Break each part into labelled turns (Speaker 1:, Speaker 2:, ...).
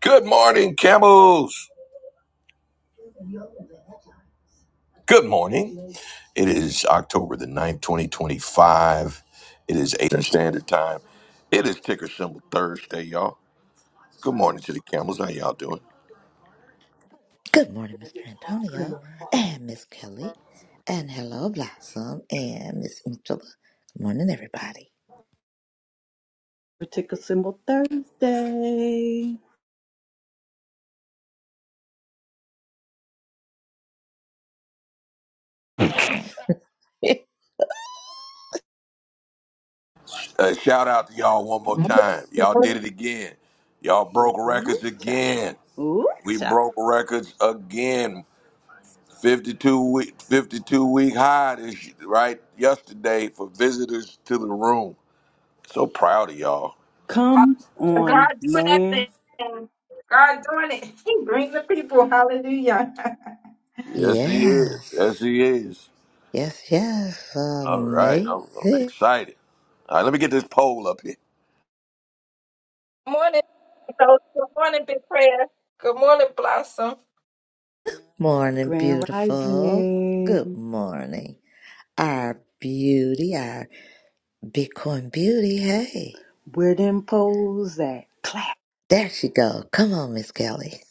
Speaker 1: Good morning, camels. Good morning. It is October the ninth, 2025. It is Eastern Standard Time. It is ticker symbol Thursday, y'all. Good morning to the camels. How y'all doing?
Speaker 2: Good morning, Mr.
Speaker 3: Grand
Speaker 2: Antonio
Speaker 3: Rapper
Speaker 2: and Miss Kelly, and hello, Blossom and Miss Angela. Good morning, everybody.
Speaker 3: Tickle Symbol Thursday.
Speaker 1: Uh, shout out to y'all one more
Speaker 4: God
Speaker 1: time. Y'all did it again. Y'all broke
Speaker 3: Ooh
Speaker 1: records
Speaker 3: cha.
Speaker 1: again.
Speaker 3: Ooh
Speaker 1: We
Speaker 3: cha.
Speaker 1: broke records again. 52 week 52 week high this right yesterday for visitors to the room. So proud of y'all.
Speaker 3: Come on,
Speaker 4: doing that
Speaker 3: man.
Speaker 4: thing. God doing it. He bring the people. Hallelujah.
Speaker 1: Yes, he is.
Speaker 2: yes,
Speaker 1: Yes, he is.
Speaker 2: yes, yes.
Speaker 1: All right. I'm, I'm
Speaker 2: Amazing.
Speaker 1: excited. All right, let me get this poll up here.
Speaker 4: Morning, So Good morning, Big Prayer. Morning, Blossom.
Speaker 2: Morning,
Speaker 3: Grand
Speaker 2: beautiful. Good
Speaker 3: Rising.
Speaker 2: morning. Our beauty, our Bitcoin beauty. Hey,
Speaker 3: Where them poles at? Clap.
Speaker 2: there she go. Come on, Miss Kelly.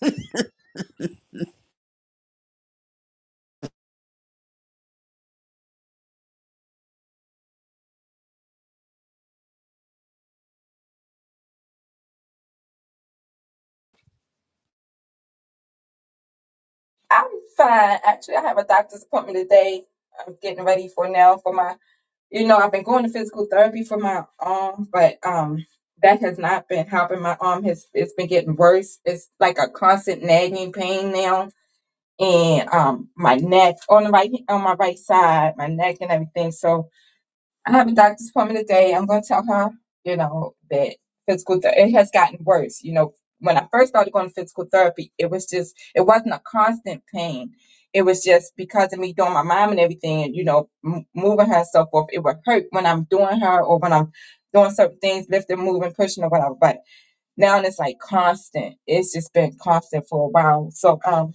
Speaker 4: I'm fine. Actually, I have a doctor's appointment today. I'm getting ready for now for my. You know, I've been going to physical therapy for my arm, but um, that has not been helping. My arm has it's been getting worse. It's like a constant nagging pain now, and um, my neck on the right on my right side, my neck and everything. So I have a doctor's appointment today. I'm going to tell her, you know, that physical ther it has gotten worse. You know, when I first started going to physical therapy, it was just, it wasn't a constant pain. It was just because of me doing my mom and everything, and you know, m- moving her and so forth. It would hurt when I'm doing her or when I'm doing certain things, lifting, moving, pushing, or whatever. But. Now it's like constant. It's just been constant for a while. So um,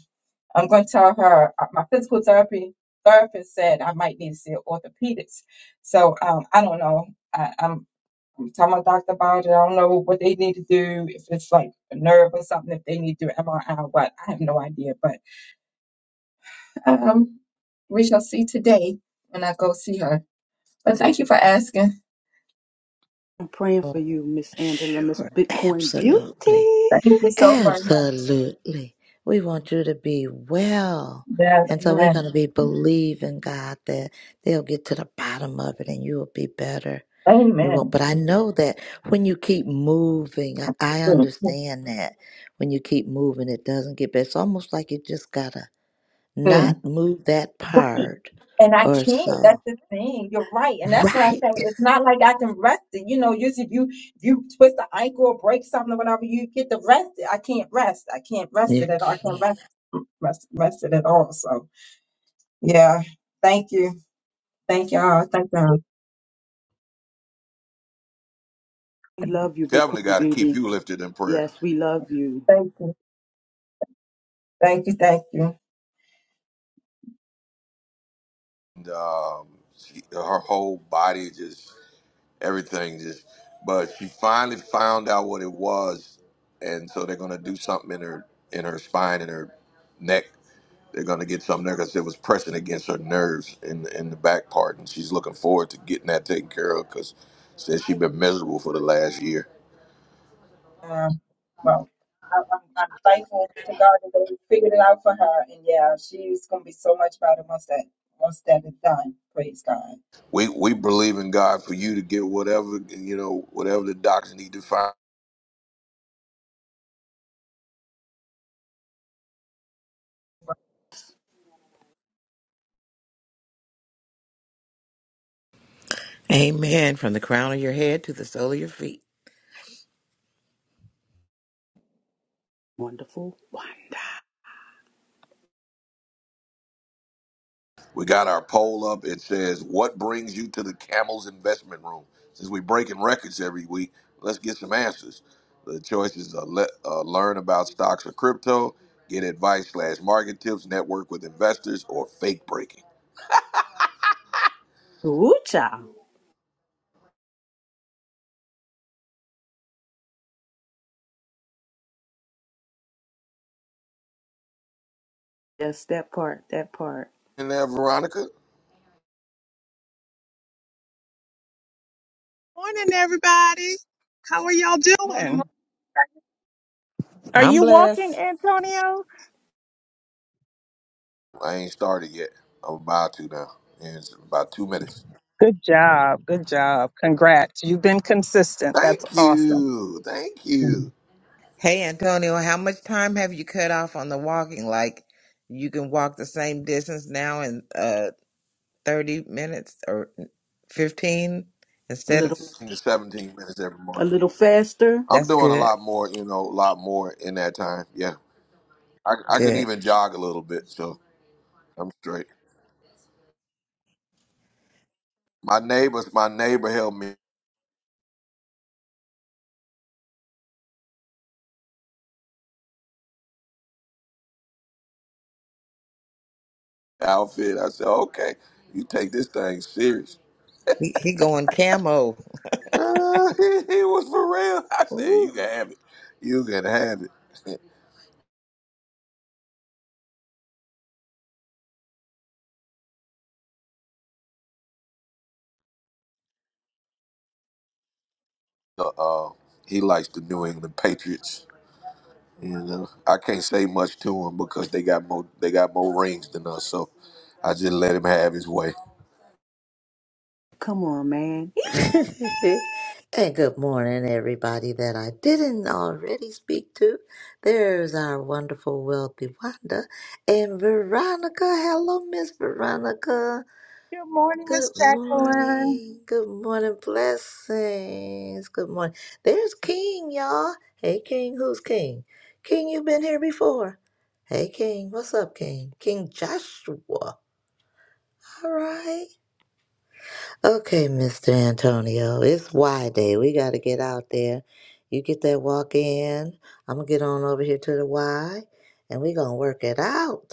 Speaker 4: I'm going to tell her uh, my physical therapy therapist said I might need to see an orthopedist. So um, I don't know. I, I'm telling my doctor about it. I don't know what they need to do if it's like a nerve or something. If they need to do MRI, or what I have no idea. But um, we shall see today when I go see her. But thank you for asking.
Speaker 3: I'm praying for you, Miss Angela, Miss
Speaker 2: Sure,
Speaker 3: Bitcoin Beauty.
Speaker 2: absolutely.
Speaker 4: Thank you so very much.
Speaker 2: Absolutely. We want you to be well.
Speaker 4: Yes,
Speaker 2: And so we're going
Speaker 4: amen.
Speaker 2: to be believing God that they'll get to the bottom of it and you'll be better. You won't.
Speaker 4: Amen.
Speaker 2: But I know that when you keep moving, I, I understand that when you keep moving, it doesn't get better. It's almost like you just got to
Speaker 4: Mm.
Speaker 2: not move that
Speaker 4: Right.
Speaker 2: part
Speaker 4: And I
Speaker 2: or
Speaker 4: can't. That's
Speaker 2: so.
Speaker 4: the thing. You're right. And that's what I
Speaker 2: Right.
Speaker 4: said. It's not like I can rest it. You know, usually if you if you twist the ankle or break something or whatever, you get to rest it. I can't rest. I can't rest
Speaker 2: You
Speaker 4: it at all. I
Speaker 2: can't.
Speaker 4: can't rest rest rest it at all. So yeah. Thank you. Thank y'all. Thank y'all.
Speaker 3: We love you,
Speaker 1: Definitely
Speaker 3: Bitcoin
Speaker 1: got to keep
Speaker 3: Beauty.
Speaker 1: you lifted in prayer.
Speaker 3: Yes, we love you.
Speaker 4: Thank you. Thank you. Thank you.
Speaker 1: And, um, she, her whole body, just everything, just. But she finally found out what it was, and so they're gonna do something in her in her spine and her neck. They're gonna get something there because it was pressing against her nerves in the, in the back part, and she's looking forward to getting that taken care of because says she's been miserable for the last year.
Speaker 4: Uh, well, I, I'm, I'm thankful to God that they figured it out for her. And yeah, she's gonna be so much better once that once that is done. Praise God.
Speaker 1: We we believe in God for you to get whatever you know, whatever the docs need to find.
Speaker 5: Amen. From the crown of your head to the sole of your feet.
Speaker 3: Wonderful wonder.
Speaker 1: We got our poll up. It says, "What brings you to the Camels Investment Room?" Since we're breaking records every week, let's get some answers. The choices are le- uh, learn about stocks or crypto, get advice slash market tips, network with investors, or fake breaking.
Speaker 3: Ooh cha. Yes, that part, that part.
Speaker 1: And there, Veronica,
Speaker 6: Morning, everybody. How are y'all
Speaker 4: Morning,
Speaker 6: doing? Are
Speaker 5: I'm
Speaker 6: you walking,
Speaker 5: blessed.
Speaker 6: Antonio?
Speaker 1: I ain't started yet. I'm about to now. In about two minutes.
Speaker 6: Good job. Good job. Congrats. You've been consistent. That's
Speaker 1: Thank
Speaker 6: awesome.
Speaker 1: you, thank
Speaker 6: Mhm.
Speaker 1: you.
Speaker 5: Hey, Antonio, how much time have you cut off on the walking? Like, you can walk the same distance now in uh 30 minutes or 15
Speaker 3: A
Speaker 5: instead of
Speaker 3: little
Speaker 1: In the 17 minutes every
Speaker 3: a
Speaker 1: morning.
Speaker 3: little faster.
Speaker 1: I'm
Speaker 5: that's
Speaker 1: doing a
Speaker 5: good.
Speaker 1: lot more, you know, a lot more in that time. Yeah, I, I can
Speaker 5: Good.
Speaker 1: even jog a little bit, so I'm straight. My neighbors, my neighbor helped me outfit. I said, okay, you take this thing serious.
Speaker 5: He, he going camo.
Speaker 1: Uh, it was for real. I said, you
Speaker 5: Ooh.
Speaker 1: can have it. You can have it. uh, uh, he likes the New England Patriots. You know, I can't say much to him because they got more they got more rings than us. So I just let him have his way.
Speaker 3: Come on, man.
Speaker 2: and good morning, everybody that I didn't already speak to. There's our wonderful, wealthy Wanda and Veronica. Hello, Miss Veronica.
Speaker 6: Good morning, Miss
Speaker 2: Good
Speaker 6: Jacqueline.
Speaker 2: morning. Good morning. Blessings. Good morning. There's King, y'all. Hey, King. Who's King? King, you've been here before. Hey, King. What's up, King? King Joshua. All right. Okay, Mr. Antonio, it's Y Day. We got to get out there. You get that walk in. I'm going to get on over here to the Y and we going to work it out.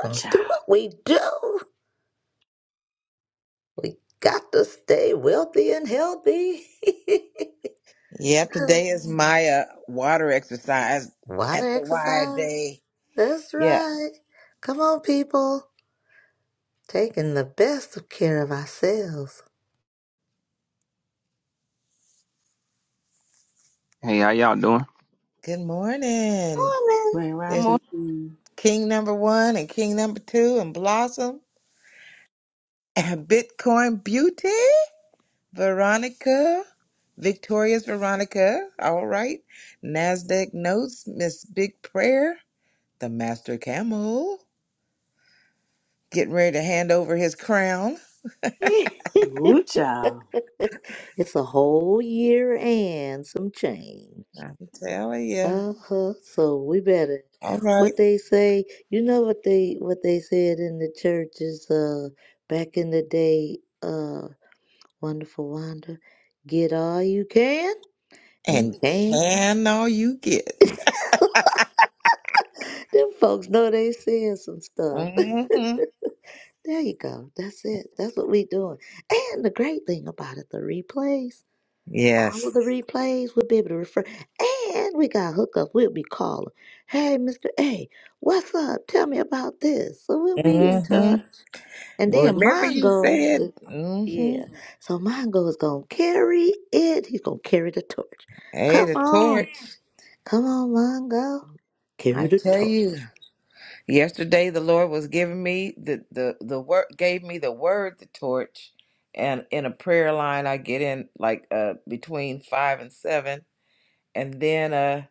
Speaker 2: Going to do what we do. We got to stay wealthy and healthy.
Speaker 5: Yep, today is my uh, water exercise at
Speaker 2: Water
Speaker 5: the Y
Speaker 2: exercise.
Speaker 5: day.
Speaker 2: That's
Speaker 5: Yeah.
Speaker 2: right. Come on, people. Taking the best of care of ourselves.
Speaker 7: Hey, how y'all doing?
Speaker 5: Good morning.
Speaker 3: Grand
Speaker 4: Mo.
Speaker 5: It's
Speaker 3: Rising Queen.
Speaker 5: King number one and King number two and Blossom. And Bitcoin Beauty, Veronica, Victorious Veronica, all right. NASDAQ Notes, Miss Big Prayer, the Master Camel, getting ready to hand over his crown.
Speaker 3: Woo child.
Speaker 2: it's a whole year and some change.
Speaker 5: I'm telling you.
Speaker 2: Uh-huh. So we better
Speaker 5: All right.
Speaker 2: what they say, you know what they what they said in the churches uh back in the day, uh wonderful wonder, get all you can and
Speaker 5: And
Speaker 2: can.
Speaker 5: can all you get?
Speaker 2: Them folks know they saying some stuff.
Speaker 5: Mm-hmm.
Speaker 2: there you go. That's it. That's what we doing. And the great thing about it, the replays. all
Speaker 5: Yes.
Speaker 2: of the replays. We'll be able to refer. And we got hookup. We'll be calling. Hey, Mr. A, what's up? Tell me about this. So we'll be in touch.
Speaker 5: Mm-hmm.
Speaker 2: And then
Speaker 5: Remember you
Speaker 2: Mongo, uh,
Speaker 5: said,
Speaker 2: yeah.
Speaker 5: mm-hmm.
Speaker 2: So Mongo is going to carry it. He's going to carry the torch.
Speaker 5: Hey, the
Speaker 2: Come
Speaker 5: torch.
Speaker 2: on. Come on, Mongo. Carry
Speaker 5: I
Speaker 2: the
Speaker 5: tell
Speaker 2: torch.
Speaker 5: you. Yesterday, the Lord was giving me the the the word gave me the word the torch, and in a prayer line I get in like uh between five and seven, and then uh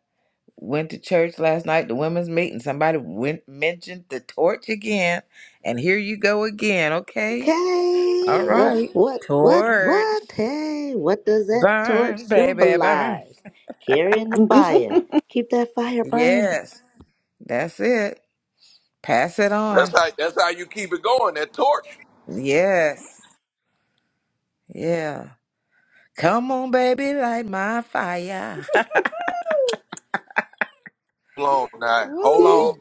Speaker 5: went to church last night the women's meeting. Somebody went mentioned the torch again, and here you go again. Okay, all
Speaker 2: Okay. Uh,
Speaker 5: right,
Speaker 2: what, what,
Speaker 5: torch
Speaker 2: what? Hey, what does that torch
Speaker 5: burn, baby burn.
Speaker 2: symbolize? Carrying the fire. Keep that fire burning.
Speaker 5: Yes, that's it. Pass it
Speaker 1: That's
Speaker 5: on.
Speaker 1: how that's how you keep it going. That torch.
Speaker 5: Yes, yeah. Come on, baby, light my fire.
Speaker 1: Hold on now. Hold on.
Speaker 5: Woo.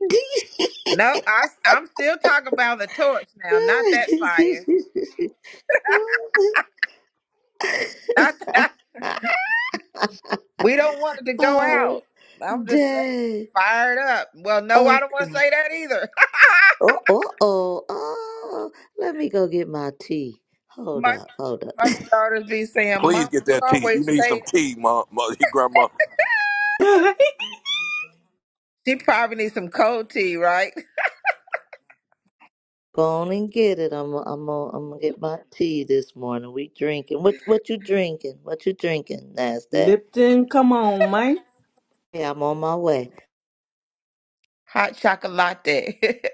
Speaker 5: No, I, I'm still talking about the torch now, not that fire. Not that. We don't want it to go
Speaker 2: oh,
Speaker 5: out. I'm just saying,
Speaker 2: dang.
Speaker 5: fired up. Well, no, I
Speaker 2: Okay.
Speaker 5: don't want to say that either.
Speaker 2: Oh, oh, oh, oh. Let me go get my tea. Hold
Speaker 5: my
Speaker 2: up, hold up.
Speaker 5: my daughters be saying,
Speaker 1: Please
Speaker 5: "Mama,
Speaker 1: get
Speaker 5: you
Speaker 1: that tea. You
Speaker 5: always
Speaker 1: need
Speaker 5: say
Speaker 1: some
Speaker 5: it."
Speaker 1: tea, mom, mother, grandma.
Speaker 5: She probably needs some cold tea, right?
Speaker 2: Go on and get it. I'm, I'm, gonna- I'm gonna get my tea this morning. We drinking. What, what you drinking? What you drinking, Nasdaq?
Speaker 3: Lipton, come on, man.
Speaker 2: Yeah, I'm on my way.
Speaker 5: Hot chocolate.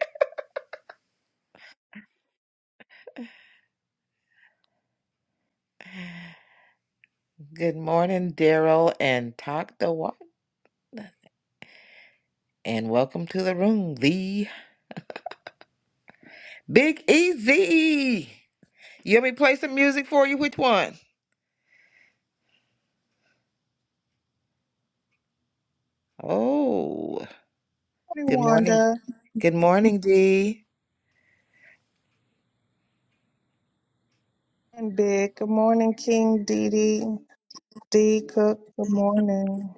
Speaker 5: Good morning, Daryl and Talk the Walk, and welcome to the room, the Big Easy. You want me to play some music for you? Which one? Oh,
Speaker 6: Good morning,
Speaker 5: good morning.
Speaker 6: Wanda.
Speaker 5: Good morning, Dee.
Speaker 6: And Big. Good morning, King Didi. D Cook. Good morning.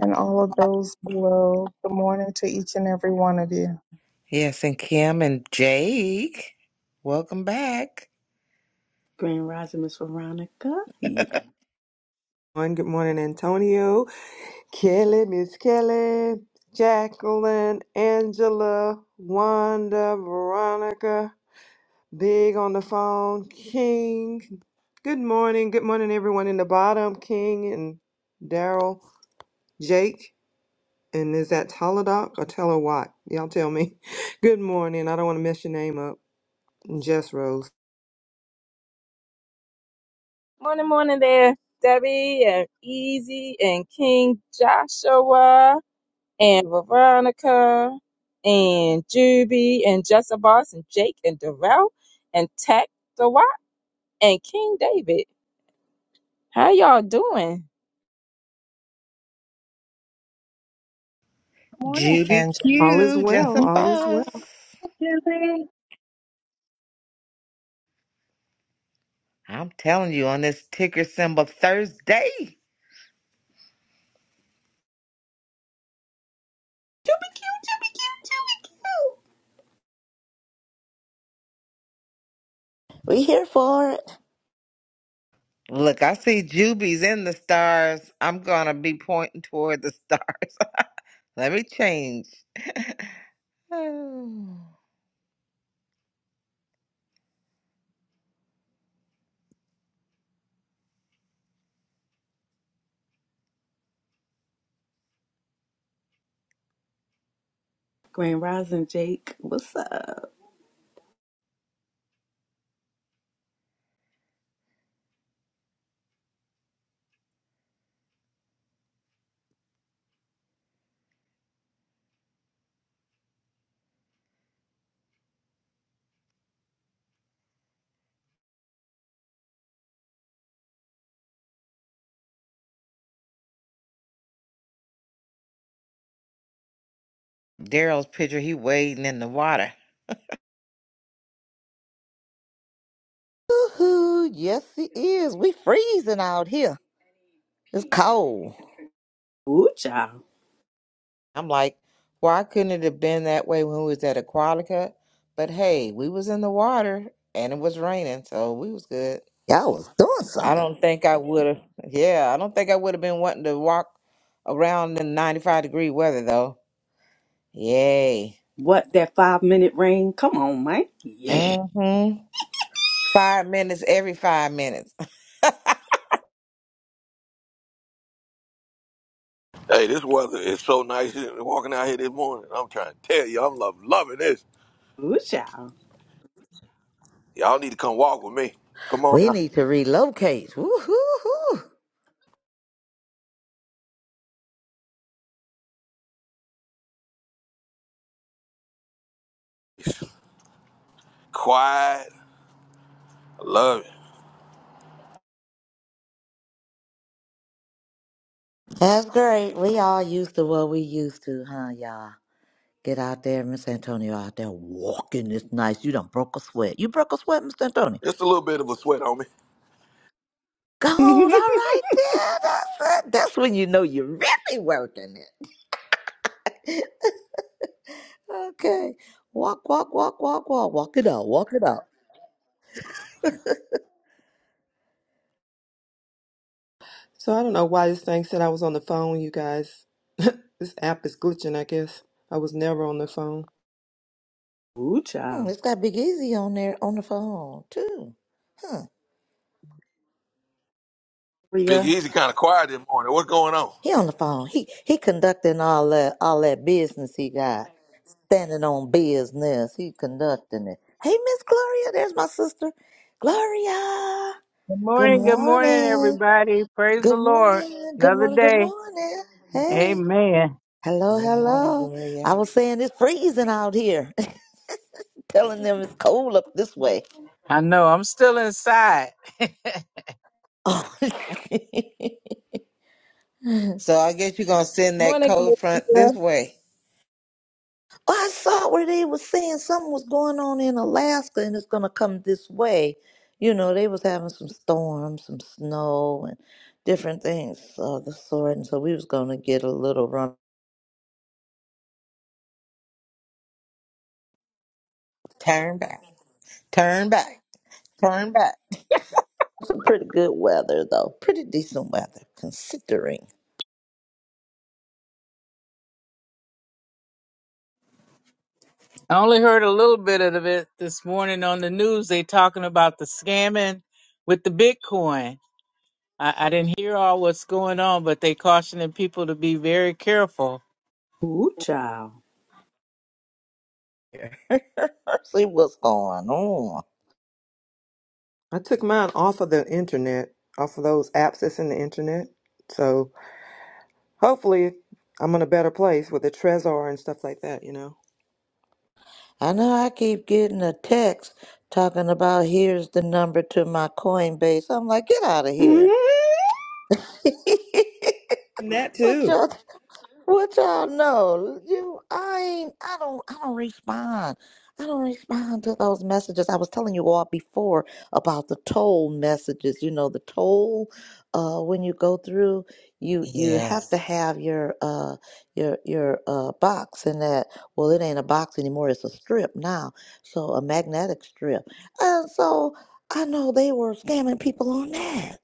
Speaker 6: And all of those below. Good morning to each and every one of you.
Speaker 5: Yes, and Kim and Jake. Welcome back.
Speaker 3: Grand Rising Miss Veronica. Yeah.
Speaker 8: One, Good morning, Antonio, Kelly, Miss Kelly, Jacqueline, Angela, Wanda, Veronica, Big on the phone, King. Good morning. Good morning, everyone in the bottom, King and Daryl, Jake. And is that Teladoc or Teller Watt? Y'all tell me. Good morning. I don't want to mess your name up. Jess Rose.
Speaker 4: Morning, morning there, Debbie and Easy and King Joshua and Veronica and Juby and Jezebos and Jake and Darrell and Tech the Watt and King David. How y'all doing?
Speaker 6: Good morning,
Speaker 5: Judy
Speaker 6: Angela.
Speaker 8: All is
Speaker 5: Q, just
Speaker 8: well.
Speaker 5: a
Speaker 8: All is well.
Speaker 5: boss.
Speaker 6: Mhm.
Speaker 5: I'm telling you, on this ticker symbol Thursday.
Speaker 3: You be cute, you be cute, you be cute.
Speaker 2: We here for it.
Speaker 5: Look, I see Juby's in the stars. I'm gonna be pointing toward the stars. Let me change. Oh.
Speaker 3: Grand Rising Jake, what's up?
Speaker 5: Daryl's picture, he wading in the water.
Speaker 2: Woohoo! Yes, it is. We freezing out here. It's cold.
Speaker 3: Woo child.
Speaker 5: I'm like, why couldn't it have been that way when we was at Aquatica? But hey, we was in the water and it was raining, so we was good.
Speaker 2: Y'all was doing something.
Speaker 5: I don't think I would have. Yeah, I don't think I would have been wanting to walk around in 95 degree weather though. Yay.
Speaker 3: What, that five minute rain? Come on, man. Yeah.
Speaker 5: Mm-hmm. Five minutes every five minutes.
Speaker 1: Hey, this weather is so nice. Walking out here this morning, I'm trying to tell you, I'm love, loving this.
Speaker 3: Woo child.
Speaker 1: Y'all need to come walk with me. Come on
Speaker 2: We
Speaker 1: now.
Speaker 2: need to relocate. Woo-hoo-hoo.
Speaker 1: Quiet. I love it.
Speaker 2: That's great. We all used to what we used to, huh, y'all? Get out there, Miss Antonio, out there walking this nice. You done broke a sweat. You broke a sweat, Miss Antonio.
Speaker 1: It's a little bit of a sweat on me.
Speaker 2: Go on, all right there. That's it. That's when you know you're really working it. Okay. Walk, walk, walk, walk, walk. Walk it out. Walk it out.
Speaker 8: So I don't know why this thing said I was on the phone, you guys. this app is glitching, I guess. I was never on the phone.
Speaker 3: Woo
Speaker 2: Hmm,
Speaker 3: child.
Speaker 2: it's got Big Easy on there on the phone too. Huh.
Speaker 1: Big
Speaker 3: Ria.
Speaker 1: Easy kind of quiet this morning. What's going on?
Speaker 2: He on the phone. He he conducting all that all that business he got. standing on business. He conducting it. Hey, Miss Gloria, there's my sister. Gloria.
Speaker 9: Good
Speaker 2: Good
Speaker 9: morning, good morning,
Speaker 2: morning.
Speaker 9: everybody. Praise the
Speaker 2: Good
Speaker 9: Lord.
Speaker 2: morning. Good
Speaker 9: Another
Speaker 2: morning. Good
Speaker 9: day.
Speaker 2: morning. Hey.
Speaker 9: Amen.
Speaker 2: Hello,
Speaker 5: Good morning,
Speaker 2: hello. I
Speaker 5: Gloria.
Speaker 2: was saying it's freezing out here. Telling them it's cold up this way.
Speaker 9: I know I'm still inside. I
Speaker 2: Oh.
Speaker 5: So I guess you're gonna send that
Speaker 4: Morning,
Speaker 5: cold front
Speaker 4: Gloria.
Speaker 5: this way.
Speaker 2: Well, I saw where they was saying something was going on in Alaska and it's gonna come this way. You know, they was having some storms, some snow and different things of the sort, and so we was gonna get a little run.
Speaker 5: Turn back. Turn back. Turn back.
Speaker 2: Some pretty good weather though. Pretty decent weather considering
Speaker 9: only heard a little bit of it this morning on the news. They talking about the scamming with the Bitcoin. I, I didn't hear all what's going on, but they cautioning people to be very careful.
Speaker 3: Woo child.
Speaker 2: Yeah. see what's going on.
Speaker 8: I took mine off of the internet, off of those apps that's in the internet. So hopefully I'm in a better place with the Trezor and stuff like that, you know.
Speaker 2: I know I keep getting a text talking about here's the number to my Coinbase. I'm like, get out of here.
Speaker 3: Mhm.
Speaker 8: And that
Speaker 2: what
Speaker 8: too.
Speaker 2: y'all What y'all know? You, I ain't. I don't. I don't respond. I don't respond to those messages. I was telling you all before about the toll messages. You know, the toll. Uh, when you go through, you you have
Speaker 5: Yes.
Speaker 2: to have your uh your your uh box in that. Well, it ain't a box anymore. It's a strip now. So a magnetic strip. And so I know they were scamming people on that,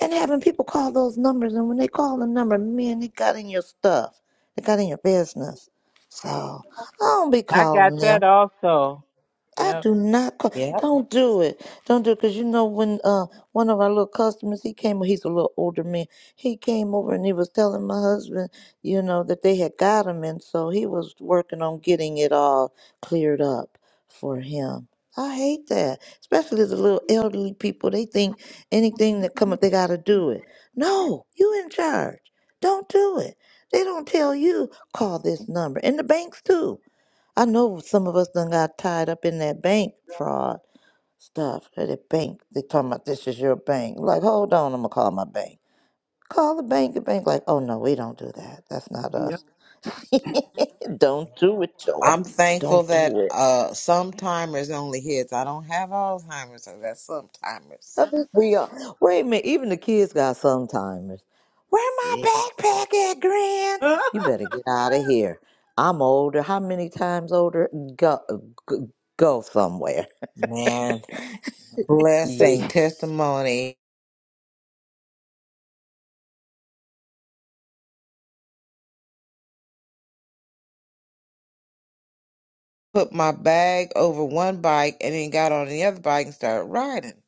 Speaker 2: and having people call those numbers. And when they call the number, man, they got in your stuff. They got in your business. So I don't be
Speaker 9: I got
Speaker 2: calling them.
Speaker 9: that also.
Speaker 2: I
Speaker 9: Yep.
Speaker 2: do not. Call.
Speaker 5: Yep.
Speaker 2: Don't do it. Don't do it. Cause you know when uh one of our little customers he came. He's a little older man. He came over and he was telling my husband, you know, that they had got him, and so he was working on getting it all cleared up for him. I hate that, especially the little elderly people. They think anything that come up, they gotta do it. No, you in charge. Don't do it. They don't tell you call this number, and the banks too. I know some of us done got tied up in that bank fraud stuff. Or the bank, they talking about this is your bank. Like, hold on, I'm gonna call my bank. Call the bank. The bank, like, oh no, we don't do that. That's not
Speaker 3: Yeah.
Speaker 2: us. don't do it, y'all.
Speaker 5: I'm thankful
Speaker 2: Don't do
Speaker 5: that
Speaker 2: it.
Speaker 5: uh sometimers only hits. I don't have Alzheimer's, so that's sometimers.
Speaker 2: I think we are. Wait a minute. Even the kids got sometimes. Where my
Speaker 5: Yeah.
Speaker 2: backpack at, Grand? You better get out of here. I'm older. How many times older? Go, go, go somewhere.
Speaker 5: Man, blessing, testimony. Put my bag over one bike and then got on the other bike and started riding.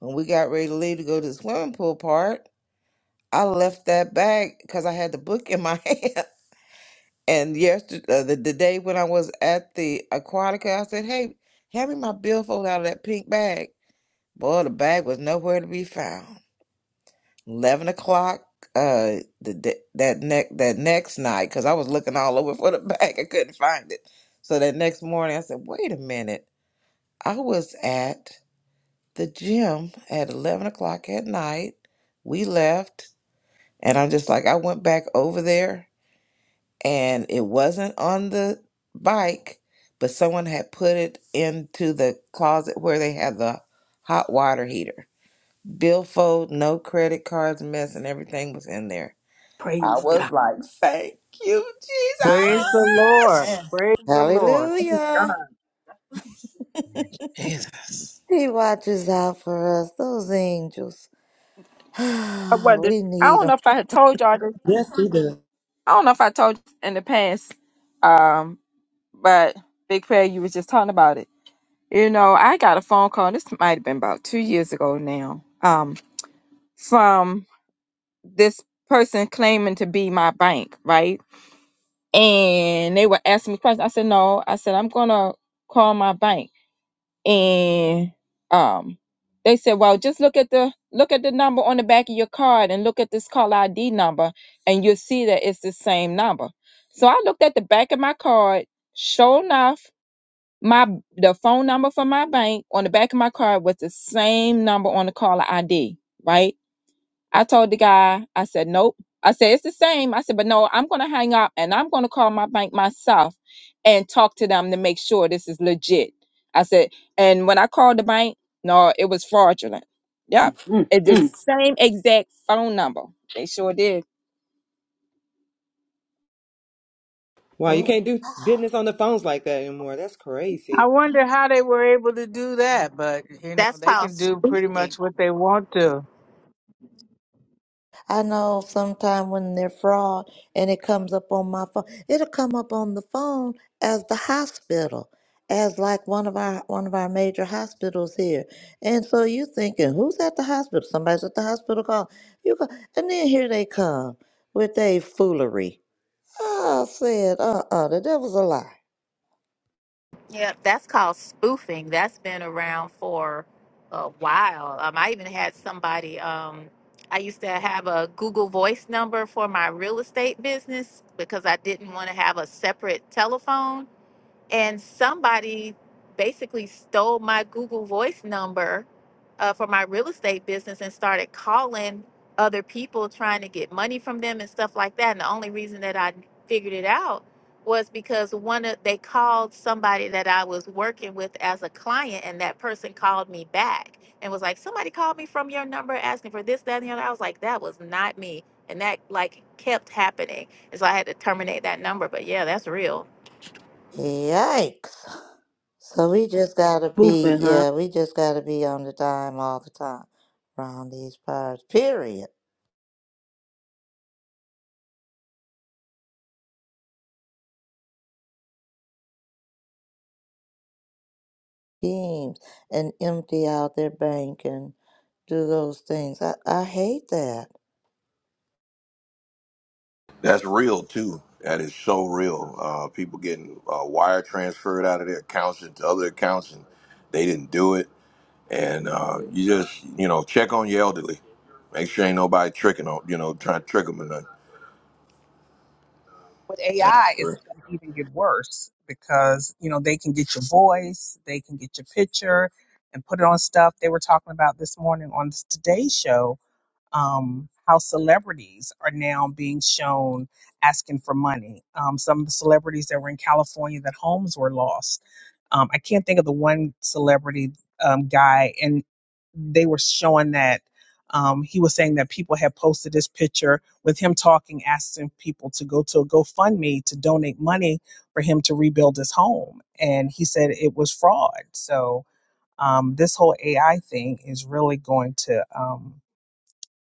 Speaker 5: When we got ready to leave to go to the swimming pool part, I left that bag because I had the book in my hand. And yesterday, uh, the, the day when I was at the Aquatica, I said, "Hey, hand me my billfold out of that pink bag." Boy, the bag was nowhere to be found. Eleven o'clock. Uh, the, the that next that next night, because I was looking all over for the bag, I couldn't find it. So that next morning, I said, "Wait a minute! I was at the gym at eleven o'clock at night. We left, and I'm just like, I went back over there, and it wasn't on the bike, but someone had put it into the closet where they had the hot water heater, billfold, no credit cards, mess, and everything was in there." I
Speaker 3: Praise
Speaker 5: was
Speaker 3: God.
Speaker 5: like, thank you,
Speaker 9: Praise the Lord.
Speaker 5: Jesus.
Speaker 4: Man,
Speaker 9: Praise the Lord.
Speaker 2: Hallelujah.
Speaker 5: Jesus.
Speaker 2: He watches out for us, those angels.
Speaker 4: I wonder.
Speaker 2: we
Speaker 4: I
Speaker 2: need
Speaker 4: don't
Speaker 2: them.
Speaker 4: know if I had told y'all this.
Speaker 8: Yes, he does.
Speaker 4: I don't know if I told you in the past. Um, but Big Prayer, you was just talking about it. You know, I got a phone call. This might have been about two years ago now. Um, from this person claiming to be my bank, right? And they were asking me questions. I said, no. I said, I'm gonna call my bank. And um they said, Well, just look at the look at the number on the back of your card and look at this call ID number and you'll see that it's the same number. So I looked at the back of my card, sure enough, my the phone number for my bank on the back of my card was the same number on the caller ID, right? I told the guy, I said, nope. I said, it's the same. I said, but no, I'm going to hang up and I'm going to call my bank myself and talk to them to make sure this is legit. I said, and when I called the bank, no, it was fraudulent. Yep.
Speaker 3: Mm,
Speaker 4: It's the
Speaker 3: mm.
Speaker 4: same exact phone number. They sure did.
Speaker 8: Wow, you
Speaker 2: Oh,
Speaker 8: can't do business on the phones like that anymore. That's
Speaker 9: I
Speaker 8: crazy.
Speaker 9: wonder how they were able to do that, but you know,
Speaker 10: That's
Speaker 9: they
Speaker 10: called
Speaker 9: can do pretty
Speaker 10: spoofing.
Speaker 9: much what they want to.
Speaker 2: I know sometime when they're fraud and it comes up on my phone, it'll come up on the phone as the hospital, as like one of our one of our major hospitals here. And so you thinking, who's at the hospital? Somebody's at the hospital call. You go, and then here they come with their foolery. I said, uh-uh, the devil's a lie.
Speaker 10: Yeah, that's called spoofing. That's been around for a while. Um, I even had somebody. Um, I used to have a Google Voice number for my real estate business because I didn't want to have a separate telephone. and somebody basically stole my Google Voice number uh, for my real estate business and started calling other people trying to get money from them and stuff like that. And the only reason that I figured it out was because one of they called somebody that I was working with as a client, and that person called me back and was like, "Somebody called me from your number asking for this, that, and the other." I was like, "That was not me," and that like kept happening, and so I had to terminate that number. But yeah, that's real.
Speaker 2: Yikes. So we just gotta be,
Speaker 3: Boofing, huh?
Speaker 2: yeah, we just gotta be on the dime all the time around these parts. Period. Schemes and empty out their bank and do those things. I, I hate that.
Speaker 1: That's real too. That is so real. Uh, people getting uh, wire transferred out of their accounts into other accounts, and they didn't do it. and uh, you just you know check on your elderly. Make sure ain't nobody tricking on you know trying to trick them or nothing.
Speaker 6: with
Speaker 1: That's
Speaker 6: AI, it's
Speaker 1: correct.
Speaker 6: going to even get worse because you know they can get your voice, they can get your picture, and put it on stuff. They were talking about this morning on the Today Show um, how celebrities are now being shown asking for money. Um, some of the celebrities that were in California that homes were lost. Um, I can't think of the one celebrity um, guy, and they were showing that um, he was saying that people had posted this picture with him talking, asking people to go to a GoFundMe to donate money for him to rebuild his home. And he said it was fraud. So um, this whole AI thing is really going to. Um,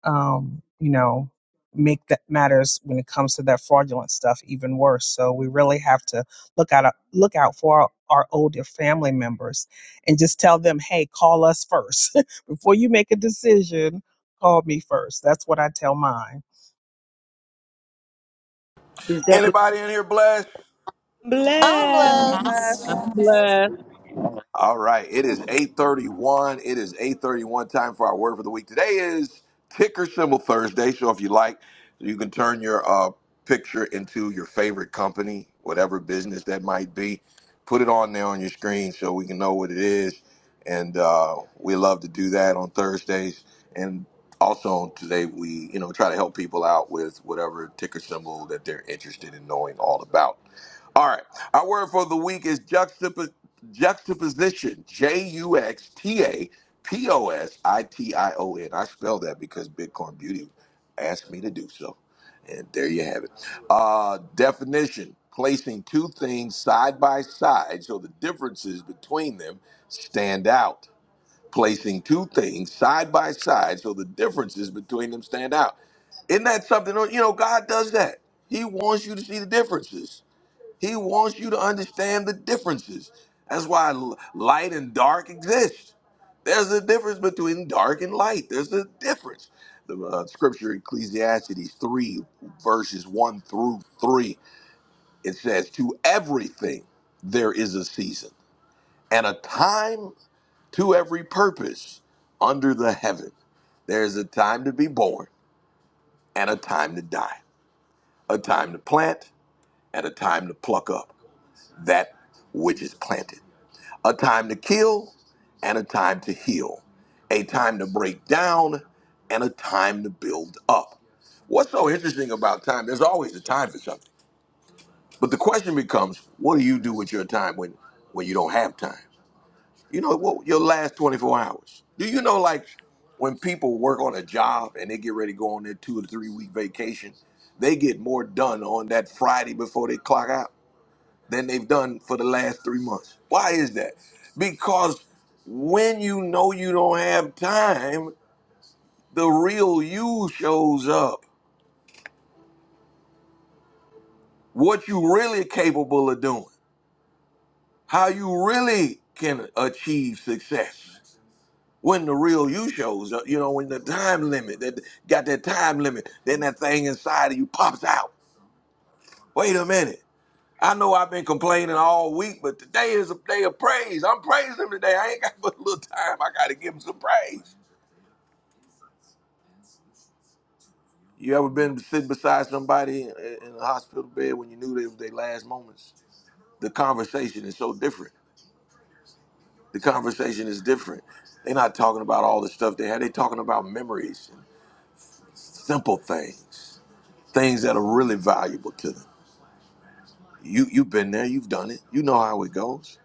Speaker 6: um, you know, make that matters when it comes to that fraudulent stuff even worse. So we really have to look out look out for our, our older family members and just tell them, hey, call us first before you make a decision. Call me first. That's what I tell mine.
Speaker 3: Is that what?
Speaker 1: Anybody in here blessed?
Speaker 8: Bless.
Speaker 2: Unless
Speaker 11: Yes. good.
Speaker 9: I'm glad.
Speaker 1: All right, it is 8:31. It is 8:31 time for our word for the week. Today is ticker symbol Thursday, so if you like, you can turn your uh, picture into your favorite company, whatever business that might be. Put it on there on your screen so we can know what it is, and uh, we love to do that on Thursdays. And also today, we you know try to help people out with whatever ticker symbol that they're interested in knowing all about. All right. Our word for the week is juxtaposition. Juxtaposition. J U X T A P O S I T I O N. I spell that because Bitcoin Beauty asked me to do so. And there you have it. Uh, definition placing two things side by side so the differences between them stand out. Placing two things side by side so the differences between them stand out. Isn't that something? You know, God does that. He wants you to see the differences. He wants you to understand the differences. That's why l- light and dark exist. There's a difference between dark and light. There's a difference. The uh, scripture, Ecclesiastes 3, verses 1 through 3, it says, To everything there is a season, and a time to every purpose under the heaven. There's a time to be born, and a time to die, a time to plant, and a time to pluck up that which is planted. a time to kill and a time to heal, a time to break down and a time to build up. What's so interesting about time? There's always a time for something. But the question becomes, what do you do with your time when, when you don't have time? You know, what, your last 24 hours. Do you know, like, when people work on a job and they get ready to go on their two or three week vacation, they get more done on that Friday before they clock out than they've done for the last three months. Why is that? Because when you know you don't have time, the real you shows up. What you really capable of doing, how you really can achieve success. When the real you shows up, you know, when the time limit, that got that time limit, then that thing inside of you pops out. Wait a minute. I know I've been complaining all week, but today is a day of praise. I'm praising him today. I ain't got but a little time. I got to give him some praise. You ever been sitting beside somebody in in a hospital bed when you knew they was their last moments? The conversation is so different. The conversation is different. They're not talking about all the stuff they had. They're talking about memories and simple things, things that are really valuable to them. You you've been there. You've done it. You know how it goes.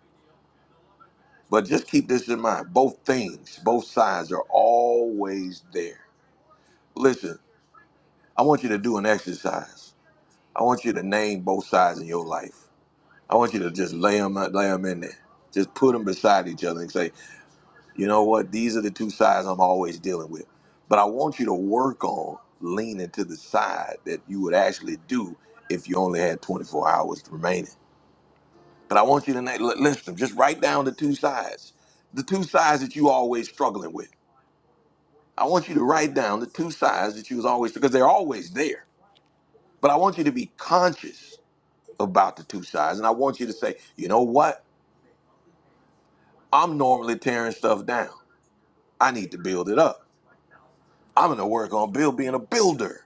Speaker 1: But just keep this in mind. Both things, both sides are always there. Listen, I want you to do an exercise. I want you to name both sides in your life. I want you to just lay them, lay them in there. Just put them beside each other and say, you know what? These are the two sides I'm always dealing with. But I want you to work on leaning to the side that you would actually do if you only had 24 hours remaining. But I want you to na- li- list them. Just write down the two sides, the two sides that you always struggling with. I want you to write down the two sides that you was always because they're always there. But I want you to be conscious about the two sides, and I want you to say, you know what? I'm normally tearing stuff down. I need to build it up. I'm gonna work on build being a builder.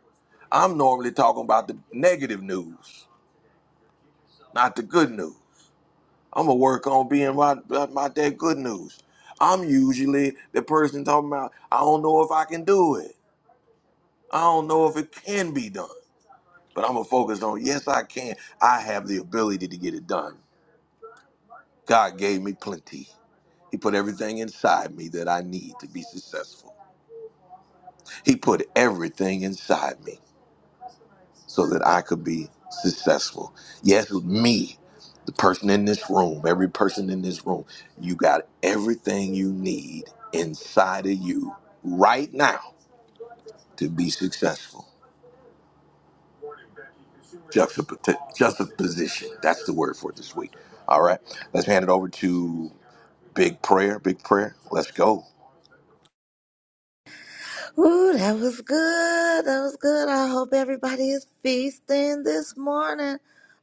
Speaker 1: I'm normally talking about the negative news, not the good news. I'm gonna work on being about, about that good news. I'm usually the person talking about I don't know if I can do it. I don't know if it can be done. But I'm gonna focus on yes I can. I have the ability to get it done. God gave me plenty. He put everything inside me that I need to be successful. He put everything inside me. so that I could be successful. Yes, me, the person in this room, every person in this room, you got everything you need inside of you right now to be successful. Juxtap- Juxtaposition. That's the word for it this week. All right. Let's hand it over to Big Prayer. Big Prayer. Let's go.
Speaker 2: Ooh, that was good. That was good. I hope everybody is feasting this morning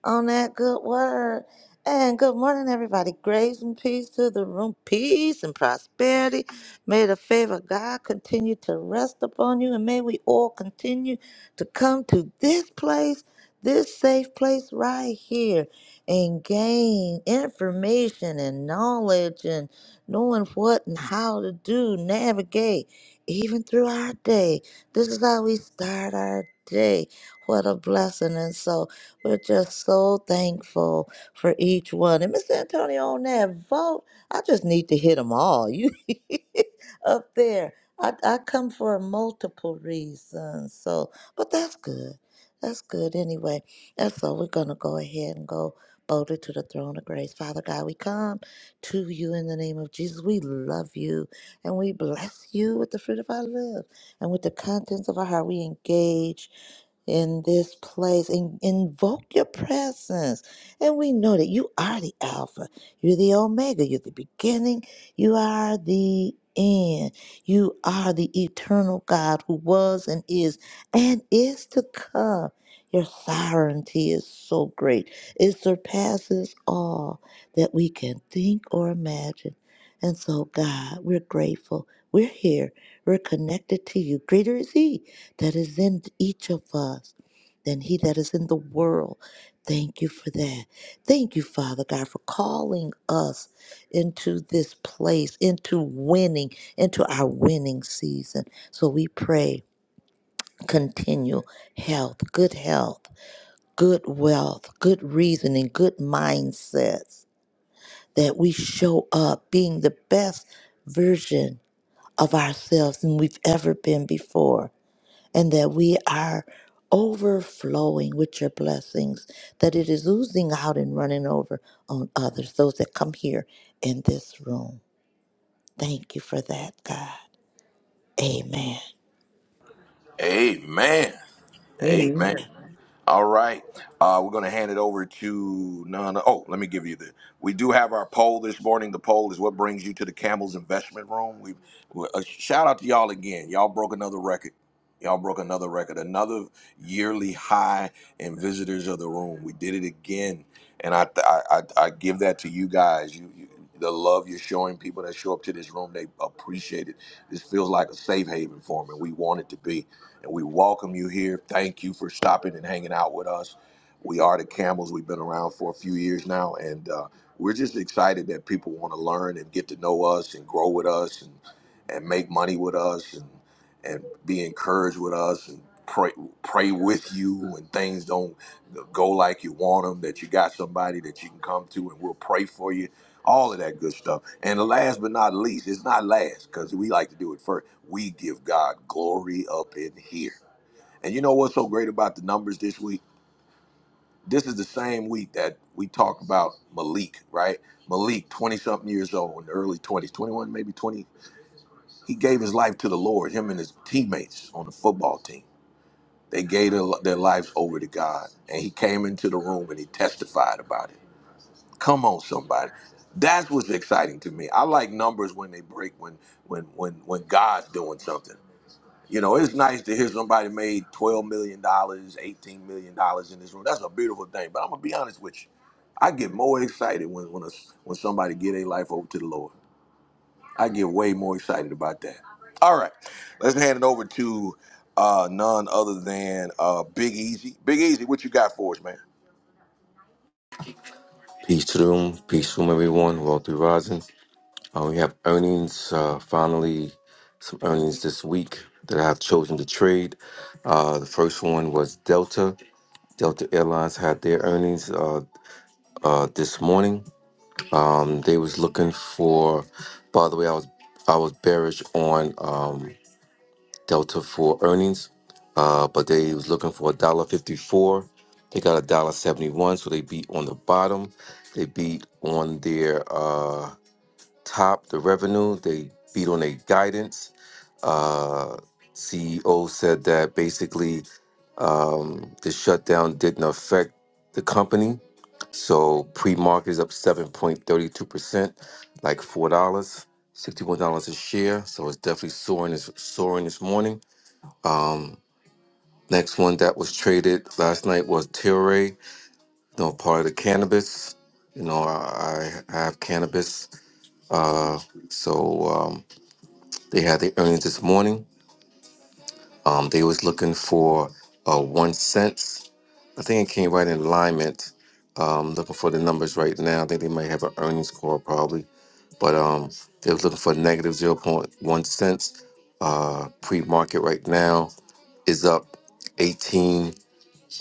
Speaker 2: on that good word. And good morning, everybody. Grace and peace to the room. Peace and prosperity. May the favor of God continue to rest upon you. And may we all continue to come to this place, this safe place right here, and gain information and knowledge and knowing what and how to do, navigate even through our day. This is how we start our day. What a blessing. And so we're just so thankful for each one. And Mr. Antonio, on that vote, I just need to hit them all. You up there. I, I come for multiple reasons. So, but that's good. That's good anyway. And so we're going to go ahead and go boldly to the throne of grace. Father God, we come to you in the name of Jesus. We love you and we bless you with the fruit of our lips and with the contents of our heart. We engage in this place and invoke your presence. And we know that you are the Alpha, you're the Omega, you're the beginning, you are the end. You are the eternal God who was and is and is to come. Your sovereignty is so great. It surpasses all that we can think or imagine. And so, God, we're grateful. We're here. We're connected to you. Greater is He that is in each of us than He that is in the world. Thank you for that. Thank you, Father God, for calling us into this place, into winning, into our winning season. So we pray continual health, good health, good wealth, good reasoning, good mindsets, that we show up being the best version of ourselves than we've ever been before, and that we are overflowing with your blessings, that it is oozing out and running over on others, those that come here in this room. Thank you for that, God. Amen.
Speaker 1: Amen. Amen.
Speaker 8: Amen.
Speaker 1: All right. Uh, we're going to hand it over to Nana. Oh, let me give you the. We do have our poll this morning. The poll is what brings you to the Campbell's Investment Room. We, we uh, shout out to y'all again. Y'all broke another record. Y'all broke another record, another yearly high in visitors of the room. We did it again, and I I, I, I give that to you guys. You, you the love you're showing people that show up to this room, they appreciate it. This feels like a safe haven for them, and we want it to be and we welcome you here. Thank you for stopping and hanging out with us. We are the Camels. We've been around for a few years now, and uh, we're just excited that people want to learn and get to know us and grow with us and and make money with us and and be encouraged with us and pray pray with you when things don't go like you want them. That you got somebody that you can come to and we'll pray for you all of that good stuff. And last but not least, it's not last because we like to do it first. We give God glory up in here. And you know what's so great about the numbers this week? This is the same week that we talk about Malik, right? Malik, 20 something years old in the early 20s, 21, maybe 20. He gave his life to the Lord, him and his teammates on the football team. They gave their their lives over to God. And he came into the room and he testified about it. Come on, somebody. That's what's exciting to me. I like numbers when they break when when when when God's doing something. You know, it's nice to hear somebody made twelve million dollars, eighteen million dollars in this room. That's a beautiful thing. But I'm gonna be honest with you, I get more excited when when a, when somebody get a life over to the Lord. I get way more excited about that. All right, let's hand it over to uh, none other than uh, Big Easy. Big Easy, what you got for us, man?
Speaker 12: Peace to the room. Peace to everyone. Wealthy Rising. Uh, we have earnings. Uh, finally, some earnings this week that I have chosen to trade. Uh, the first one was Delta. Delta Airlines had their earnings uh, uh, this morning. Um, they was looking for. By the way, I was I was bearish on um, Delta for earnings, uh, but they was looking for a dollar fifty four. They got a dollar seventy one, so they beat on the bottom. They beat on their. Uh, top the revenue. They beat on their guidance. Uh, CEO said that basically um, the shutdown didn't affect the company. So pre-market is up 7.32%, like $4, dollars, $61 a share. So it's definitely soaring this, soaring this morning. Next one that was traded last night was Tilray, you know, part of the cannabis. You know, I, I have cannabis. Uh, so, um, They had their earnings this morning. Um, they was looking for uh, one cents. I think it came right in alignment. Um, looking for the numbers right now. I think they might have an earnings call probably, but um, they was looking for negative zero point one cents. Uh, pre-market right now is up eighteen.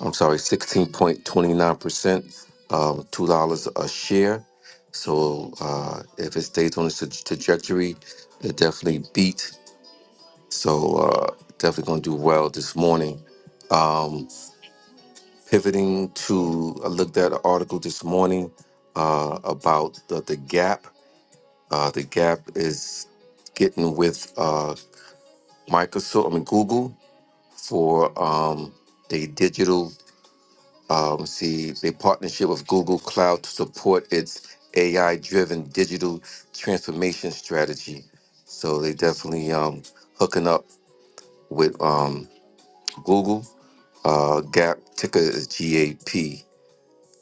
Speaker 12: I'm sorry, sixteen point twenty nine percent. Um, two dollars a share. So uh, if it stays on its tra- trajectory, it definitely beat so uh, definitely going to do well this morning. Um, pivoting to, I looked at an article this morning uh, about the, the gap. Uh, the gap is getting with uh, Microsoft, I mean Google, for um, the digital. Um, see, the partnership with Google Cloud to support its AI-driven digital transformation strategy. So they definitely um, hooking up with um, Google Uh, GAP ticker is GAP.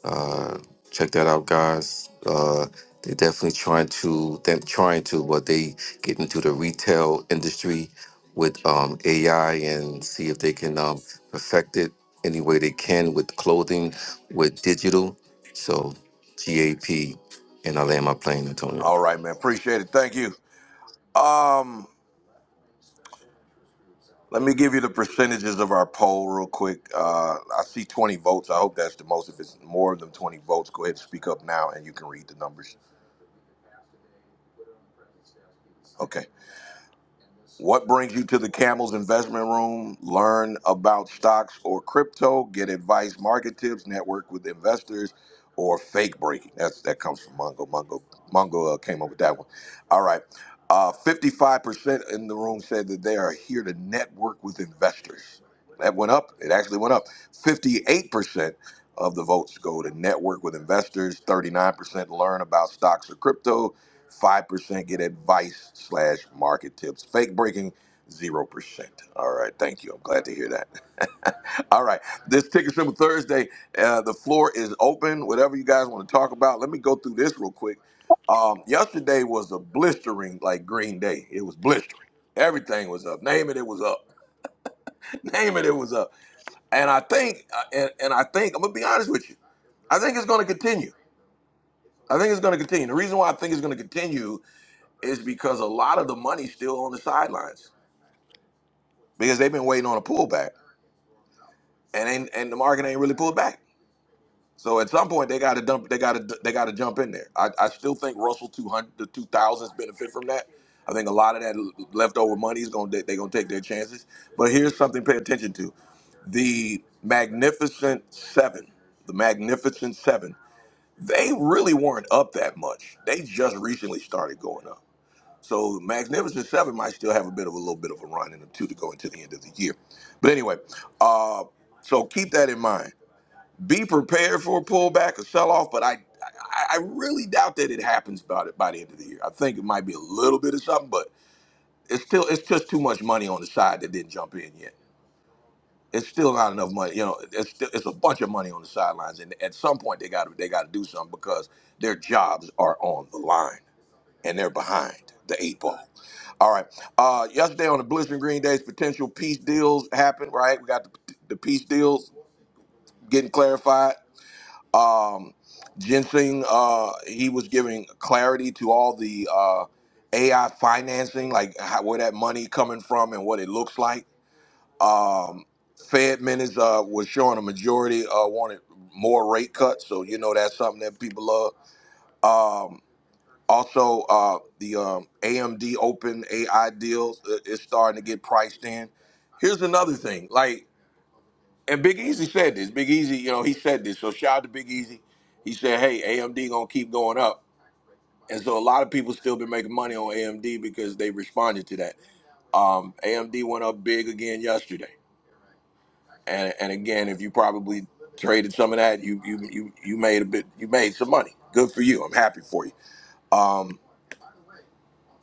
Speaker 12: Uh, check that out, guys. Uh, they're definitely trying to. They're trying to, but they get into the retail industry with um, AI and see if they can um, perfect it any way they can with clothing, with digital. So GAP, and I land my plane, Antonio.
Speaker 1: All right, man. Appreciate it. Thank you. Um, Let me give you the percentages of our poll real quick. Uh, I see 20 votes. I hope that's the most. If it's more than 20 votes, go ahead and speak up now and you can read the numbers. Okay. What brings you to the Camel's Investment Room? Learn about stocks or crypto, get advice, market tips, network with investors, or fake breaking. That's that comes from Mongo. Mongo Mongo uh, came up with that one. All right. Uh, 55% in the room said that they are here to network with investors. That went up. It actually went up. 58% of the votes go to network with investors, 39% learn about stocks or crypto, 5% get advice slash market tips. Fake breaking, 0%. All right. Thank you. I'm glad to hear that. All right. This Ticker Symbol Thursday, uh, the floor is open. Whatever you guys want to talk about, let me go through this real quick. Um, yesterday was a blistering, like green day. It was blistering. Everything was up. Name it, it was up. Name it, it was up. And I think, uh, and, and I think, I'm going to be honest with you. I think it's going to continue. I think it's going to continue. The reason why I think it's going to continue is because a lot of the money's still on the sidelines because they've been waiting on a pullback, and ain't, and the market ain't really pulled back. So at some point they got to dump, they got to they got to jump in there. I, I still think Russell 200 to 2000s benefit from that. I think a lot of that leftover money is going to they're going to take their chances. But here's something to pay attention to: the Magnificent Seven, the Magnificent Seven. They really weren't up that much. They just recently started going up. So Magnificent Seven might still have a bit of a little bit of a run in the two to go into the end of the year. But anyway, uh, so keep that in mind. Be prepared for a pullback, a sell-off, but I, I, I really doubt that it happens by the, by the end of the year. I think it might be a little bit of something, but it's still it's just too much money on the side that didn't jump in yet. It's still not enough money. You know, it's still, it's a bunch of money on the sidelines, and at some point they got to they got to do something because their jobs are on the line and they're behind the eight ball. All right. Uh, yesterday on the Blissman Green Days, potential peace deals happened, right? We got the, the peace deals getting clarified. Um, Ginseng, uh, he was giving clarity to all the uh, AI financing, like how, where that money coming from and what it looks like. Um, Fed minutes uh, was showing a majority uh, wanted more rate cuts, so you know that's something that people love. Um, also, uh, the um, AMD Open AI deals uh, is starting to get priced in. Here's another thing, like, and Big Easy said this. Big Easy, you know, he said this. So shout out to Big Easy. He said, "Hey, AMD gonna keep going up." And so a lot of people still been making money on AMD because they responded to that. Um, AMD went up big again yesterday, and and again, if you probably traded some of that, you you you you made a bit, you made some money. Good for you. I'm happy for you. Um,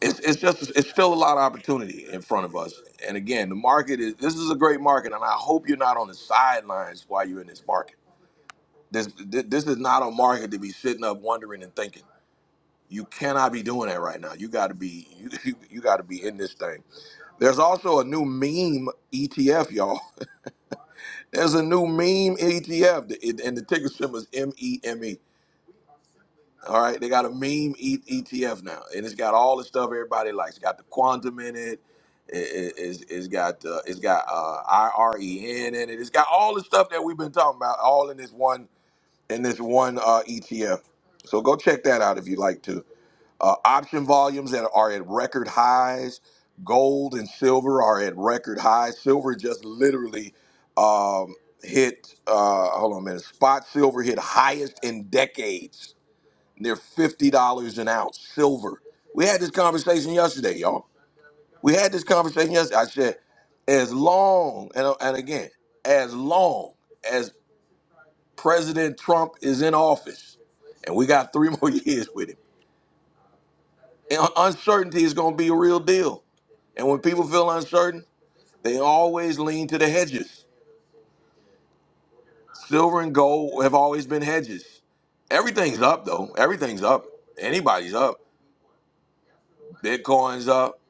Speaker 1: it's, it's just it's still a lot of opportunity in front of us and again the market is this is a great market and i hope you're not on the sidelines while you're in this market this th- this is not a market to be sitting up wondering and thinking you cannot be doing that right now you got to be you, you, you got to be in this thing there's also a new meme etf y'all there's a new meme etf the- it- and the ticker symbol is meme All right, they got a meme e- ETF now, and it's got all the stuff everybody likes. It's got the quantum in it. It, it- it's, it's got uh, it's got uh, IREN in it. It's got all the stuff that we've been talking about, all in this one in this one uh, ETF. So go check that out if you like to. Uh, option volumes that are at record highs. Gold and silver are at record highs. Silver just literally um, hit. Uh, hold on a minute. Spot silver hit highest in decades they're fifty dollars an ounce, silver. We had this conversation yesterday, y'all. We had this conversation yesterday. I said, as long and and again, as long as President Trump is in office, and we got three more years with him, and uncertainty is going to be a real deal. And when people feel uncertain, they always lean to the hedges. Silver and gold have always been hedges. Everything's up though. Everything's up. Anybody's up. Bitcoin's up.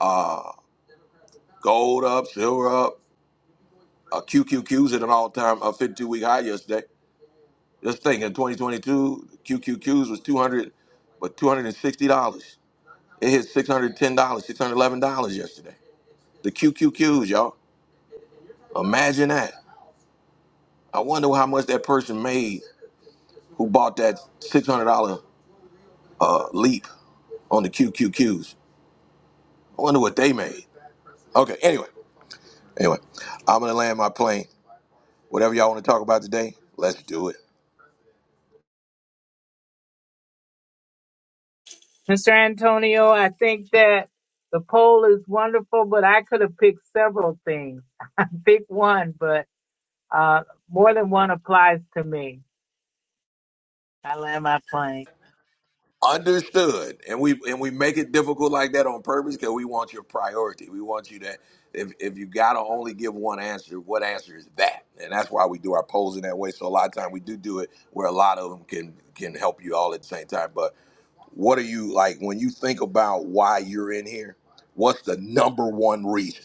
Speaker 1: Uh, Gold up, silver up. Uh, QQQs at an all-time uh, 52-week high yesterday. Just think, in 2022, QQQs was 200, but 260 dollars. It hit 610 dollars, 611 dollars yesterday. The QQQs, y'all. Imagine that. I wonder how much that person made who bought that 600 dollar uh, leap on the QQQs. I wonder what they made. Okay, anyway, anyway, I'm gonna land my plane. Whatever y'all want to talk about today, let's do it.
Speaker 9: Mr. Antonio, I think that the poll is wonderful, but I could have picked several things. Pick one, but uh, more than one applies to me. I land my plane
Speaker 1: Understood. And we and we make it difficult like that on purpose because we want your priority. We want you to if if you gotta only give one answer, what answer is that? And that's why we do our polls in that way. So a lot of time we do do it where a lot of them can can help you all at the same time. But what are you like when you think about why you're in here? What's the number one reason?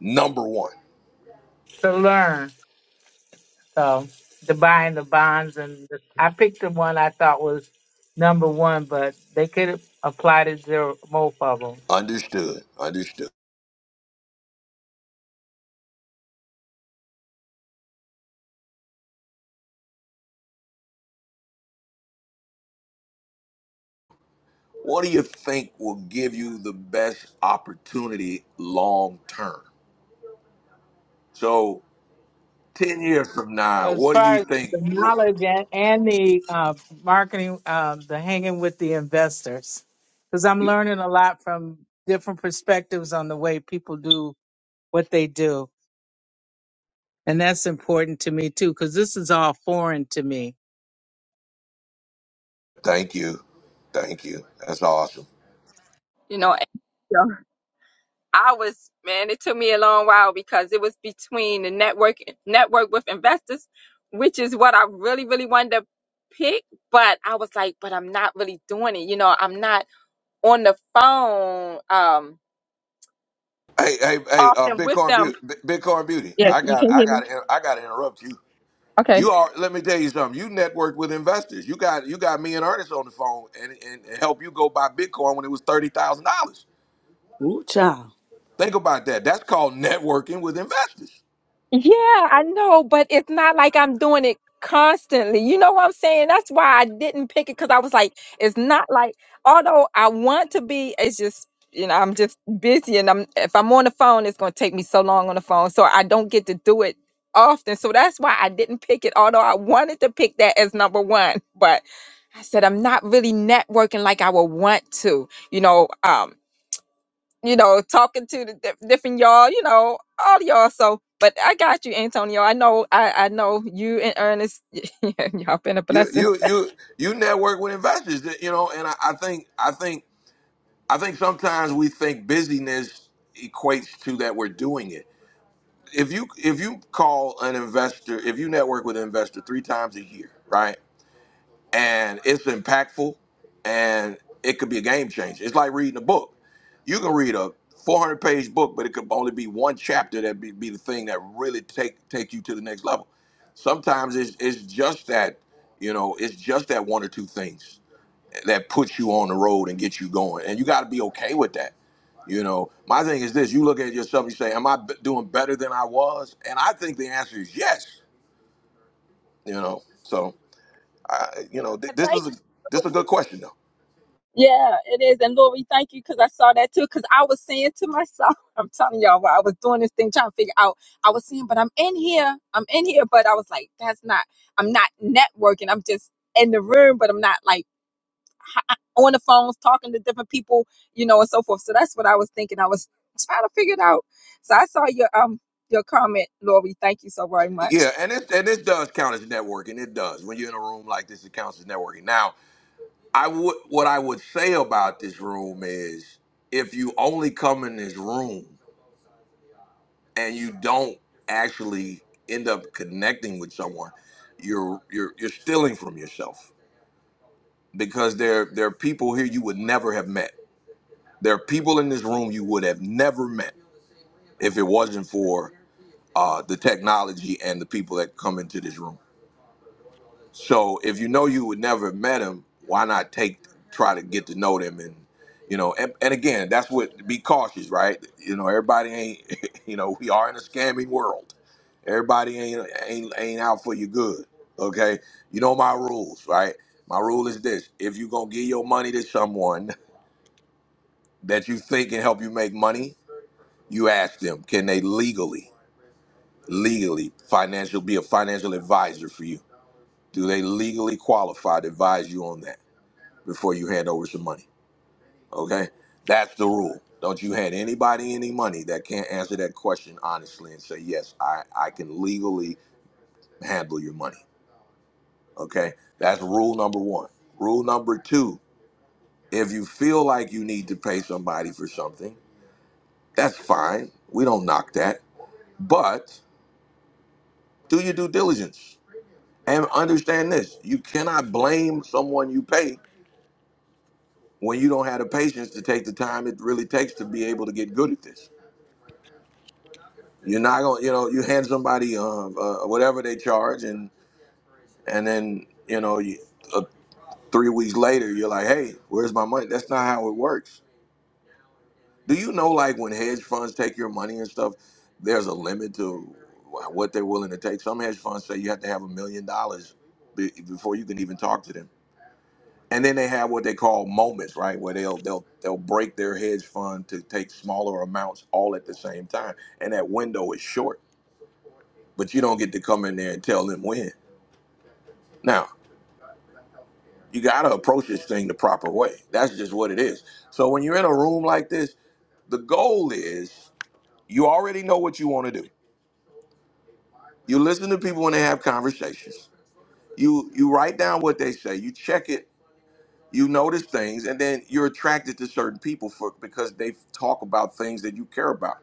Speaker 1: Number one.
Speaker 9: to learn. So the buying the bonds, and the, I picked the one I thought was number one, but they could apply to zero, both of 'em.
Speaker 1: Understood. Understood. What do you think will give you the best opportunity long term? So 10 years from
Speaker 9: Well,
Speaker 1: now,
Speaker 9: as
Speaker 1: what do
Speaker 9: far
Speaker 1: you
Speaker 9: as
Speaker 1: think?
Speaker 9: the
Speaker 1: wh-
Speaker 9: knowledge and, and the uh, marketing, uh, the hanging with the investors, because I'm learning a lot from different perspectives on the way people do what they do. And that's important to me too, because this is all foreign to me.
Speaker 1: Thank you. Thank you. That's awesome.
Speaker 4: You know, I was, man, it took me a long while because it was between the network network with investors, which is what I really, really wanted to pick. But I was like, but I'm not really doing it. You know, I'm not on the phone um
Speaker 1: Hey, hey, hey, uh,
Speaker 4: often with
Speaker 1: Bitcoin
Speaker 4: them.
Speaker 1: Beauty, Bitcoin Beauty.
Speaker 4: Yes,
Speaker 1: I
Speaker 4: you
Speaker 1: got,
Speaker 4: can
Speaker 1: I
Speaker 4: hear me.
Speaker 1: got, to I got to interrupt you.
Speaker 4: Okay.
Speaker 1: You are. Let me tell you something. You networked with investors. You got, you got me and Ernest on the phone and and, and help you go buy Bitcoin when it was thirty thousand dollars.
Speaker 3: Ooh, child.
Speaker 1: Think about that. That's called networking with investors.
Speaker 4: Yeah, I know, but it's not like I'm doing it constantly. You know what I'm saying? That's why I didn't pick it because I was like, it's not like, although I want to be, it's just, you know, I'm just busy and I'm if I'm on the phone, it's gonna take me so long on the phone. So I don't get to do it often. So that's why I didn't pick it, although I wanted to pick that as number one. But I said I'm not really networking like I would want to, you know. Um you know, talking to the diff- different y'all, you know, all y'all. So, but I got you, Antonio. I know, I, I know you and Ernest, y'all been a
Speaker 1: You,
Speaker 4: blessing.
Speaker 1: you, you, you network with investors. that- You know, and I, I think, I think, I think sometimes we think busyness equates to that we're doing it if you if you call an investor, if you network with an investor three times a year, right, and it's impactful, and it could be a game changer. It's like reading a book. You can read a 400 page book, but it could only be one chapter that be, be the thing that really take take you to the next level. Sometimes it's it's just that you know it's just that one or two things that puts you on the road and get you going. And you got to be okay with that. You know, my thing is this: you look at yourself, you say, "Am I b- doing better than I was?" And I think the answer is yes. You know, so I, you know, th-
Speaker 4: And
Speaker 1: this
Speaker 4: Thank
Speaker 1: is a
Speaker 4: you.
Speaker 1: this is a
Speaker 4: Lord.
Speaker 1: good question though.
Speaker 4: Yeah, it is. And Lord, we thank you because I saw that too. Because I was saying to myself, I'm telling y'all, while I was doing this thing, trying to figure out, I was saying, but I'm in here, I'm in here, but I was like, that's not, I'm not networking. I'm just in the room, but I'm not like h- on the phones talking to different people, you know, and so forth. So that's what I was thinking. I was trying to figure it out. So I saw your um your comment, Lori. Thank you so very much.
Speaker 1: Yeah, and it and this does count as networking. It does when you're in a room like this, it counts as networking. Now, I would what I would say about this room is if you only come in this room. and you don't actually end up connecting with someone, you're you're you're stealing from yourself because there there are people here you would never have met. There are people in this room you would have never met if it wasn't for uh, the technology and the people that come into this room. So if you know you would never have met them, why not take try to get to know them and you know and, and again that's what be cautious right you know everybody ain't you know we are in a scamming world Everybody ain't ain't ain't out for your good. Okay, you know my rules, right? My rule is this: if you gonna give your money to someone that you think can help you make money, you ask them, can they legally, legally financial be a financial advisor for you? Do they legally qualify to advise you on that before you hand over some money? Okay, that's the rule. Don't you hand anybody any money that can't answer that question honestly and say yes, I I can legally handle your money. Okay, that's rule number one. Rule number two if you feel like you need to pay somebody for something, that's fine. We don't knock that. But do your due diligence and understand this you cannot blame someone you pay when you don't have the patience to take the time it really takes to be able to get good at this. You're not going to, you know, you hand somebody uh, uh, whatever they charge and, and then, you know, you, uh, three weeks later, you're like, hey, where's my money? That's not how it works Do you know, like, when hedge funds take your money and stuff, there's a limit to wh- what they're willing to take. Some hedge funds say you have to have a million dollars be- before you can even talk to them. And then they have what they call moments, right, where they'll they'll they'll break their hedge fund to take smaller amounts all at the same time, and that window is short. But you don't get to come in there and tell them when. Now you got to approach this thing the proper way. That's just what it is. So when you're in a room like this, the goal is you already know what you want to do You listen to people when they have conversations. You you write down what they say. You check it. You notice things, and then you're attracted to certain people for because they talk about things that you care about.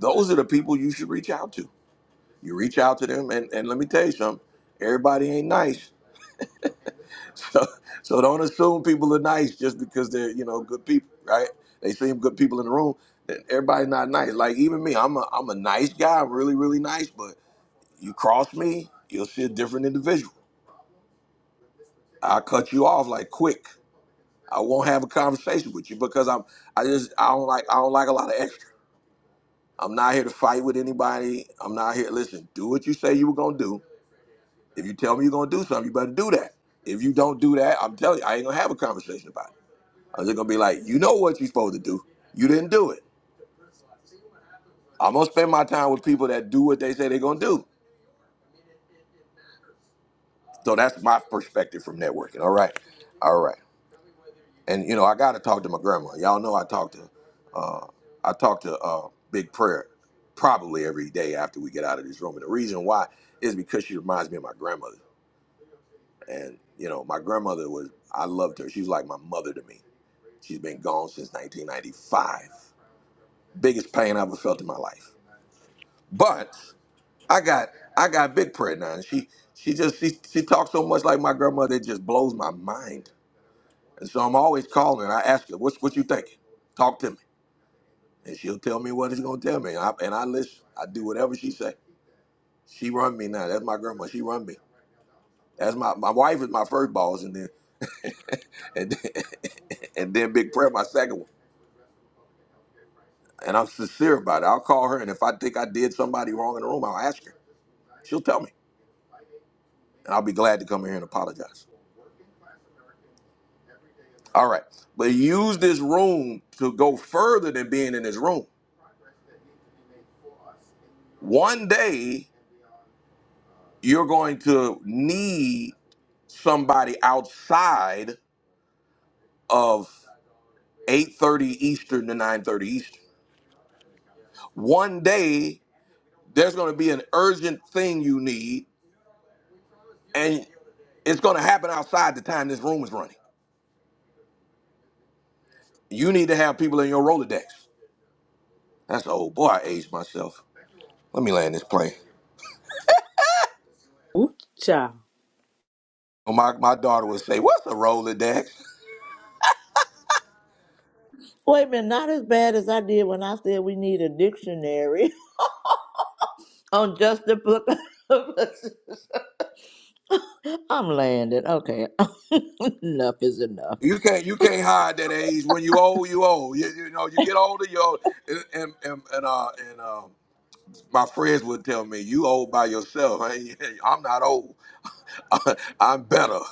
Speaker 1: Those are the people you should reach out to. You reach out to them, and, and let me tell you something. Everybody ain't nice, so so don't assume people are nice just because they're you know good people, right? They seem good people in the room. that Everybody's not nice. Like even me, I'm a I'm a nice guy. I'm really really nice, but you cross me, you'll see a different individual I cut you off like quick. I won't have a conversation with you because I'm I just I don't like I don't like a lot of extra. I'm not here to fight with anybody. I'm not here. Listen, do what you say you were gonna do. If you tell me you're gonna do something, you better do that. If you don't do that, I'm telling you, I ain't gonna have a conversation about it. I'm just gonna be like, you know what you're supposed to do. You didn't do it. I'm gonna spend my time with people that do what they say they're gonna do. So that's my perspective from networking. All right. All right. and you know I gotta talk to my grandma. Y'all know I talk to, uh, I talk to uh, Big Prayer probably every day after we get out of this room. And the reason why is because she reminds me of my grandmother. And you know my grandmother was I loved her. She was like my mother to me. She's been gone since 1995. Biggest pain I ever felt in my life. But I got I got Big Prayer now, and she she just she she talks so much like my grandmother it just blows my mind. And so I'm always calling. her, and I ask her, "What's what you thinking? Talk to me." and she'll tell me what it's gonna tell me. I, and I listen. I do whatever she say. She run me now. That's my grandma. She run me. That's my my wife is my first boss, and then and then, and then Big Prayer my second one. And I'm sincere about it. I'll call her, and if I think I did somebody wrong in the room, I'll ask her. She'll tell me, and I'll be glad to come here and apologize. All right, but use this room to go further than being in this room. One day you're going to need somebody outside of 8.30 Eastern to 9.30 Eastern. One day, there's going to be an urgent thing you need, and it's going to happen outside the time this room is running. You need to have people in your Rolodex. That's, oh boy, I aged myself. Let me land this plane.
Speaker 3: Ooh-cha.
Speaker 1: So My, my daughter would say, what's a Rolodex?
Speaker 2: Wait a minute, not as bad as I did when I said we need a dictionary on just the book. of- I'm landed. Okay. enough is enough.
Speaker 1: You can't you can't hide that age. When you old, you old. You, you know, you get older, you old. And, and, and, and, uh, and uh, my friends would tell me, you old by yourself. I ain't- I'm not old. I'm better.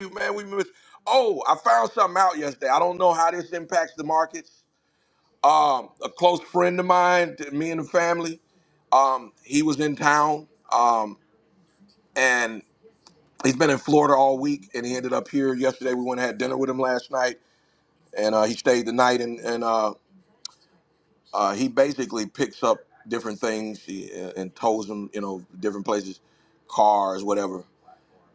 Speaker 1: you, man. We miss. Oh, I found something out yesterday. I don't know how this impacts the markets. Um, a close friend of mine, t- me and the family. Um, he was in town. Um, and he's been in Florida all week, and he ended up here yesterday. We went and had dinner with him last night, and uh, he stayed the night. And and uh, uh, he basically picks up different things he, and tows them, you know, different places, cars, whatever.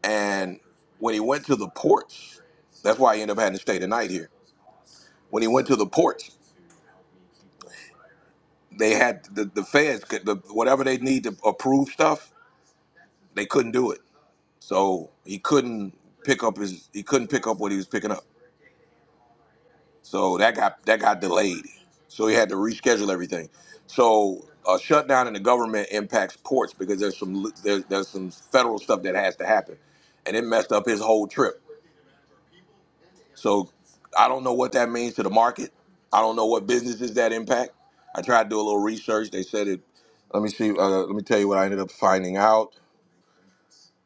Speaker 1: And when he went to the ports, that's why he ended up having to stay the night here When he went to the ports, they had the, the feds, could, the, whatever they need to approve stuff, they couldn't do it. So he couldn't pick up his, he couldn't pick up what he was picking up. So that got, that got delayed. So he had to reschedule everything. So a shutdown in the government impacts ports because there's some, there's, there's some federal stuff that has to happen. And it messed up his whole trip. So I don't know what that means to the market. I don't know what businesses that impact. I tried to do a little research. They said it. Let me see. Uh, let me tell you what I ended up finding out.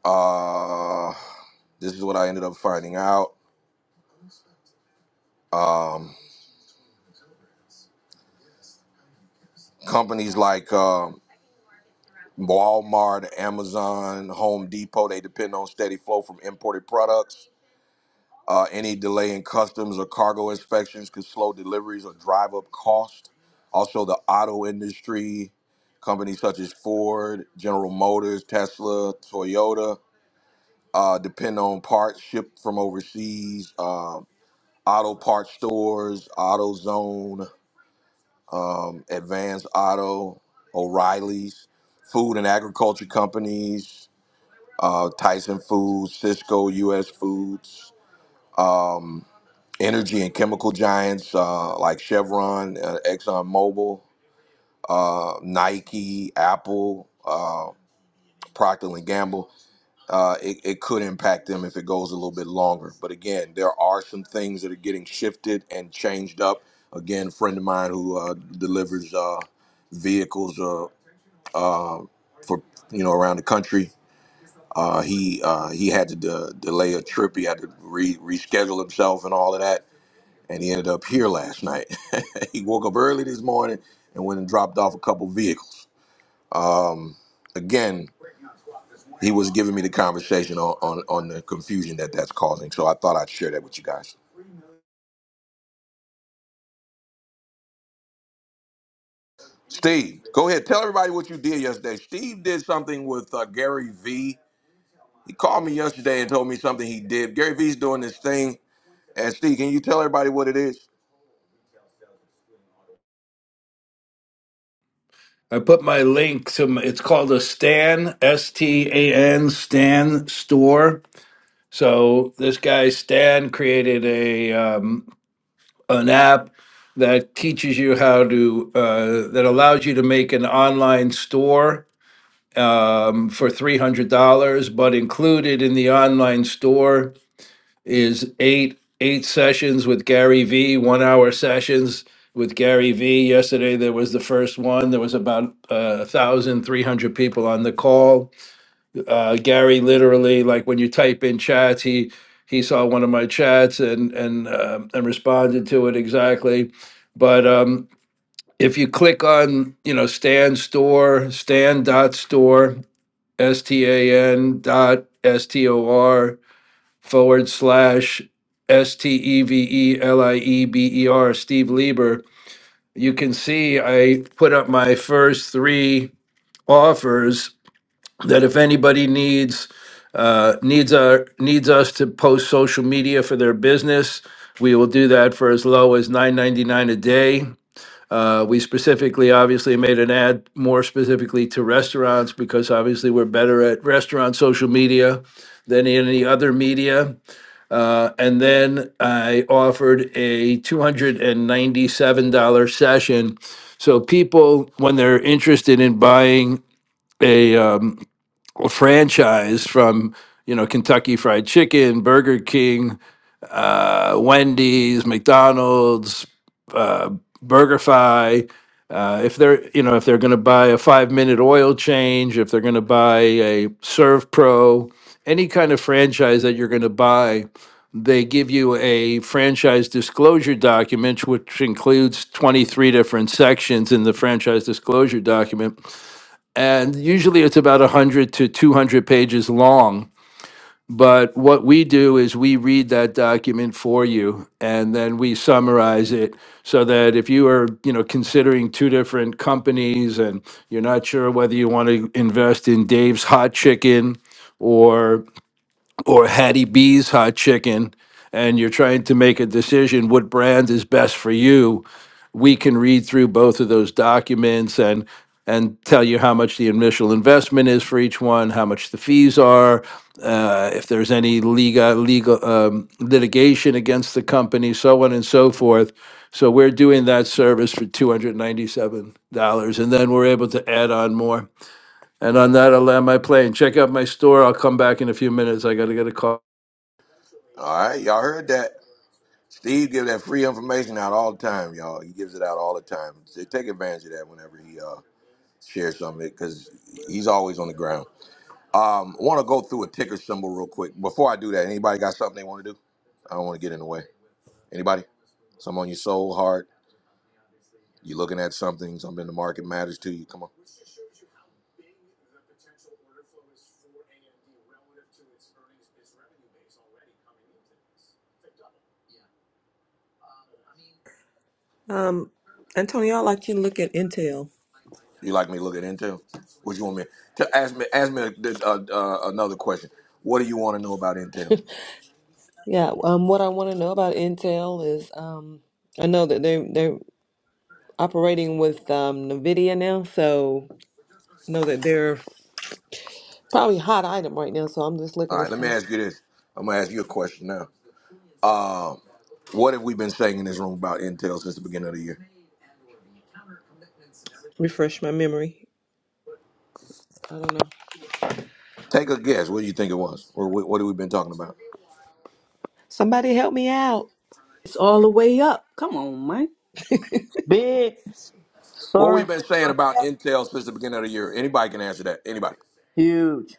Speaker 1: Uh, this is what I ended up finding out. Um, companies like um Walmart, Amazon, Home Depot, they depend on steady flow from imported products Uh, any delay in customs or cargo inspections could slow deliveries or drive up cost. Also, the auto industry, companies such as Ford, General Motors, Tesla, Toyota, uh, depend on parts shipped from overseas. Uh, auto parts stores, AutoZone, um, Advanced Auto, O'Reilly's, food and agriculture companies, uh, Tyson Foods, Cisco U.S. Foods. um, energy and chemical giants uh, like Chevron, uh, Exxon Mobil, uh, Nike, Apple, uh, Procter and Gamble. Uh, it, it could impact them if it goes a little bit longer. But again, there are some things that are getting shifted and changed up. Again, a friend of mine who uh, delivers uh, vehicles uh, uh, for you know around the country. Uh, he uh, he had to de- delay a trip. He had to re- reschedule himself and all of that and he ended up here last night. he woke up early this morning and went and dropped off a couple vehicles. Again, he was giving me the conversation on, on, on the confusion that that's causing. So I thought I'd share that with you guys. Steve, go ahead. Tell everybody what you did yesterday. Steve did something with uh, Gary V. He called me yesterday and told me something he did. Gary V's doing this thing. And Steve, can you tell everybody what it is?
Speaker 13: I put my link to my, it's called a Stan S T A N Stan store. So this guy Stan created a um, an app that teaches you how to uh, that allows you to make an online store um, for three hundred dollars. But included in the online store is eight eight sessions with Gary V, one hour sessions with Gary V. Yesterday there was the first one. There was about uh, thousand three hundred people on the call. Uh, Gary literally, like when you type in chats, he he saw one of my chats and and um and responded to it exactly. But um, if you click on you know Stan Store, Stan dot store, S T A N dot S T O R forward slash S T E V E L I E B E R, Steve Lieber. You can see I put up my first three offers that if anybody needs uh, needs our needs us to post social media for their business, we will do that for as low as nine ninety nine a day. Uh, we specifically, obviously, made an ad more specifically to restaurants because obviously we're better at restaurant social media than any other media. Uh, and then I offered a $297 session. So people, when they're interested in buying a, um, a franchise from, you know, Kentucky Fried Chicken, Burger King, uh, Wendy's, McDonald's, uh, BurgerFi. Uh, if they're you know if they're going to buy a five minute oil change, if they're going to buy a Serve Pro, any kind of franchise that you're going to buy, they give you a franchise disclosure document, which includes 23 different sections in the franchise disclosure document, and usually it's about 100 to 200 pages long but what we do is we read that document for you and then we summarize it so that if you are, you know, considering two different companies and you're not sure whether you want to invest in Dave's Hot Chicken or or Hattie B's hot chicken and you're trying to make a decision what brand is best for you, we can read through both of those documents and and tell you how much the initial investment is for each one, how much the fees are, uh, if there's any legal legal um, litigation against the company, so on and so forth. So we're doing that service for two hundred ninety-seven dollars, and then we're able to add on more. And on that, I'll land my plane. Check out my store. I'll come back in a few minutes. I got to get a call.
Speaker 1: All right, y'all heard that. Steve gives that free information out all the time, y'all. He gives it out all the time. So take advantage of that whenever he uh share some of it because he's always on the ground. Um, want to go through a ticker symbol real quick before I do that. Anybody got something they want to do? I don't want to get in the way. Anybody? Something on your soul, heart? You looking at something? Something in the market matters to you? Come on.
Speaker 8: Um, Antonio, I'd like you to look at Intel.
Speaker 1: You like me looking into? What you want me to ask me? Ask me a, uh uh another question. What do you want to know about Intel?
Speaker 8: Yeah, um, what I want to know about Intel is um, I know that they're they're operating with um, NVIDIA now, so I know that they're probably a hot item right now. So I'm just looking
Speaker 1: All
Speaker 8: to
Speaker 1: right, let me
Speaker 8: see,
Speaker 1: ask you this. I'm gonna ask you a question now. Um, what have we been saying in this room about Intel since the beginning of the year?
Speaker 8: refresh my memory. I don't know.
Speaker 1: Take a guess. What do you think it was? Or what, what have we been talking about?
Speaker 8: Somebody help me out.
Speaker 3: It's all the way up. Come on, Mike.
Speaker 2: Big,
Speaker 1: What we've
Speaker 2: sorry,
Speaker 1: been saying about Intel since the beginning of the year. Anybody can answer that. Anybody.
Speaker 2: huge.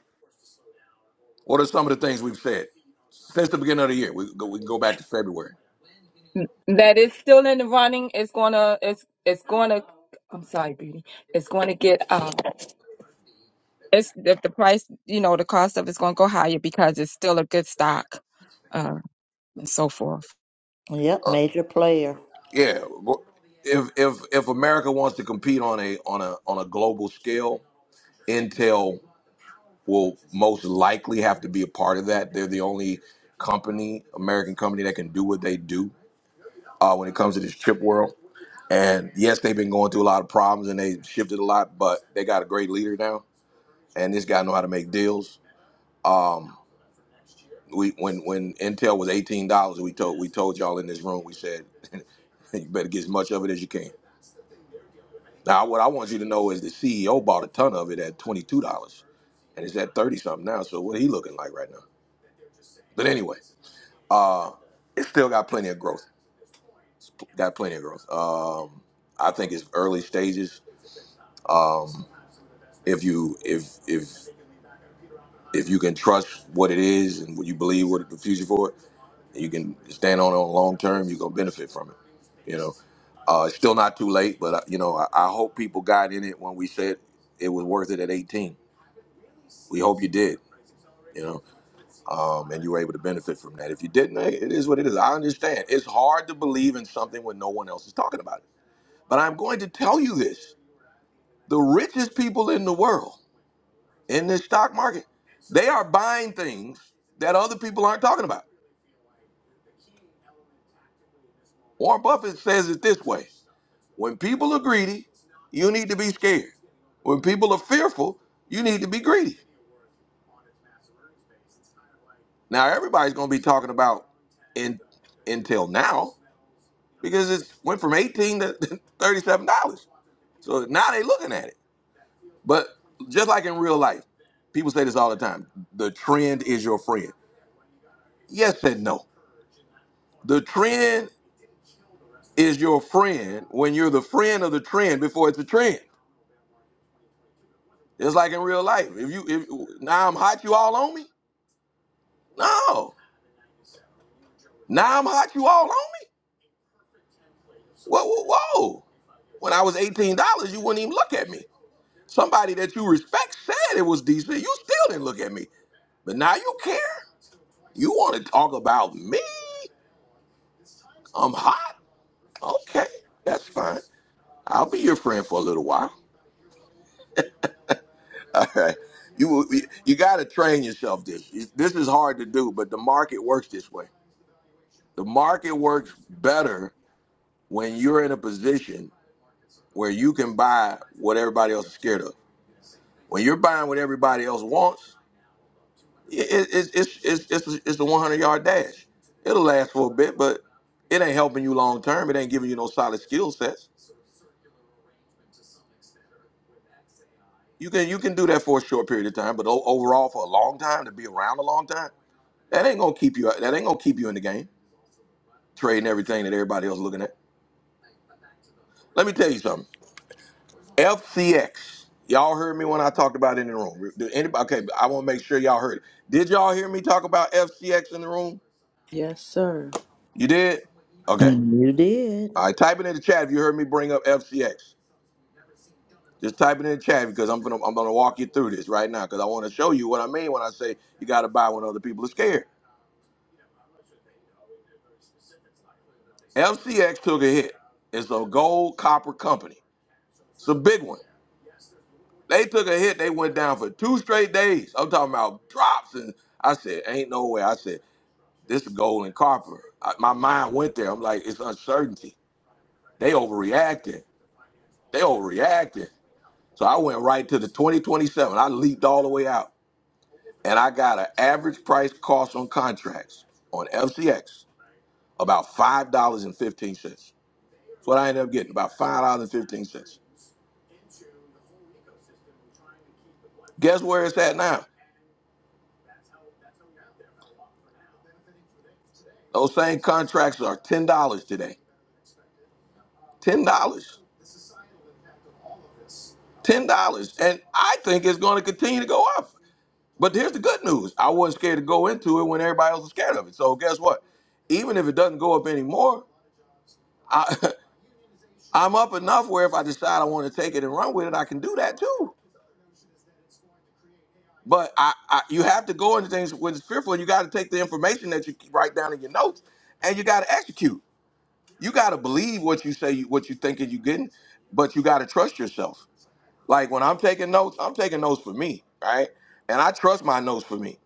Speaker 1: What are some of the things we've said since the beginning of the year? We can go, we can go back to February.
Speaker 4: N- That is still in the running. It's gonna it's it's gonna I'm sorry, Beauty. It's gonna get um it's the, the price, you know, the cost of it's gonna go higher because it's still a good stock, uh, and so forth.
Speaker 2: Yep,
Speaker 1: Uh,
Speaker 2: major player.
Speaker 1: yeah. wh- If if if America wants to compete on a on a on a global scale, Intel will most likely have to be a part of that. They're the only company, American company, that can do what they do uh, when it comes to this chip world. And yes, they've been going through a lot of problems and they shifted a lot, but they got a great leader now, and this guy know how to make deals. Um, we when when Intel was eighteen dollars, we told we told y'all in this room, we said you better get as much of it as you can. Now, what I want you to know is the CEO bought a ton of it at twenty two dollars, and it's at thirty something now. So what he looking like right now? But anyway, uh, it still got plenty of growth. Got plenty of growth. Um, I think it's early stages. Um, if you if if if you can trust what it is and what you believe what the future for it, you can stand on it on long term, you're gonna benefit from it. You know, uh, it's still not too late, but uh, you know, I, I hope people got in it when we said it was worth it at 18. We hope you did. You know, um, and you were able to benefit from that. If you didn't, hey, it is what it is. I understand. It's hard to believe in something when no one else is talking about it. But I'm going to tell you this: the richest people in the world in this stock market, they are buying things that other people aren't talking about. Warren Buffett says it this way when people are greedy, you need to be scared. When people are fearful, you need to be greedy. Now everybody's gonna be talking about in until now because it went from 18 to 37 dollars. So now they are looking at it. But just like in real life, people say this all the time. The trend is your friend. Yes and no. The trend is your friend when you're the friend of the trend before it's a trend. It's like in real life. If you if now I'm hot, you all on me? No. Now I'm hot, you all on me? Whoa, whoa, whoa. When I was $18, you wouldn't even look at me. Somebody that you respect said it was decent. You still didn't look at me. But now you care? You want to talk about me? I'm hot? Okay, that's fine. I'll be your friend for a little while. All right. You you got to train yourself this. This is hard to do, but the market works this way. The market works better when you're in a position where you can buy what everybody else is scared of. When you're buying what everybody else wants, it, it, it's it's it's it's it's a 100 yard dash. It'll last for a bit, but it ain't helping you long term. It ain't giving you no solid skill sets. You can you can do that for a short period of time, but o- overall for a long time to be around a long time, that ain't gonna keep you that ain't gonna keep you in the game trading everything that everybody else looking at. Let me tell you something. FCX. Y'all heard me when I talked about it in the room. Did anybody? Okay, I want to make sure y'all heard it. Did y'all hear me talk about FCX in the room?
Speaker 3: Yes, sir.
Speaker 1: You did? Okay.
Speaker 2: You did.
Speaker 1: All right. Type it in the chat if you heard me bring up FCX. Just type it in the chat because I'm gonna I'm gonna walk you through this right now because I want to show you what I mean when I say you got to buy when other people are scared. FCX took a hit. It's a gold copper company. It's a big one. They took a hit. They went down for two straight days. I'm talking about drops and I said, ain't no way. I said. This is Golden Carper. I, my mind went there. I'm like, it's uncertainty. They overreacting. They overreacting. So I went right to the 2027. I leaped all the way out. And I got an average price cost on contracts on FCX about $5.15. That's what I ended up getting, about $5.15. Guess where it's at now? Those same contracts are $10 today. $10. dollars. $10. And I think it's going to continue to go up. But here's the good news. I wasn't scared to go into it when everybody else was scared of it. So guess what? Even if it doesn't go up anymore, I I'm up enough where if I decide I want to take it and run with it, I can do that too. But I, I you have to go into things when it's fearful. You got to take the information that you write down in your notes, and you got to execute. You got to believe what you say, you, what you thinking you getting, but you got to trust yourself. Like when I'm taking notes, I'm taking notes for me, right? And I trust my notes for me.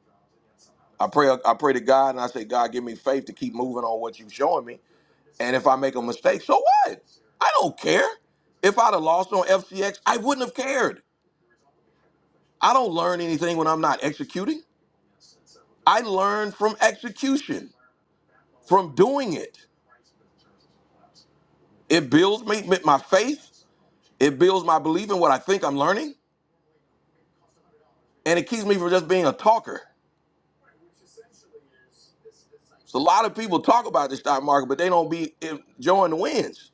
Speaker 1: I pray I pray to God and I say, God, give me faith to keep moving on what you've showing me. And if I make a mistake, so what? I don't care. If I'd have lost on FCX, I wouldn't have cared. I don't learn anything when I'm not executing. I learn from execution, from doing it. It builds me my faith. It builds my belief in what I think I'm learning. And it keeps me from just being a talker. So a lot of people talk about the stock market, but they don't be eh, enjoying the wins.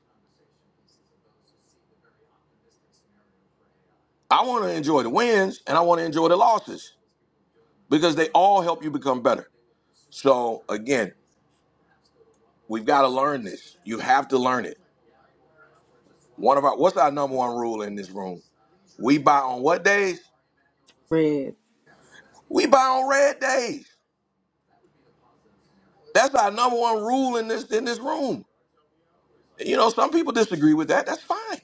Speaker 1: I want to enjoy the wins and I want to enjoy the losses. because they all help you become better. So again, we've got to learn this. You have to learn it. One of our what's our number one rule in this room? We buy on what days?
Speaker 3: Red.
Speaker 1: We buy on red days. That's our number one rule in this in this room. You know, some people disagree with that. That's fine.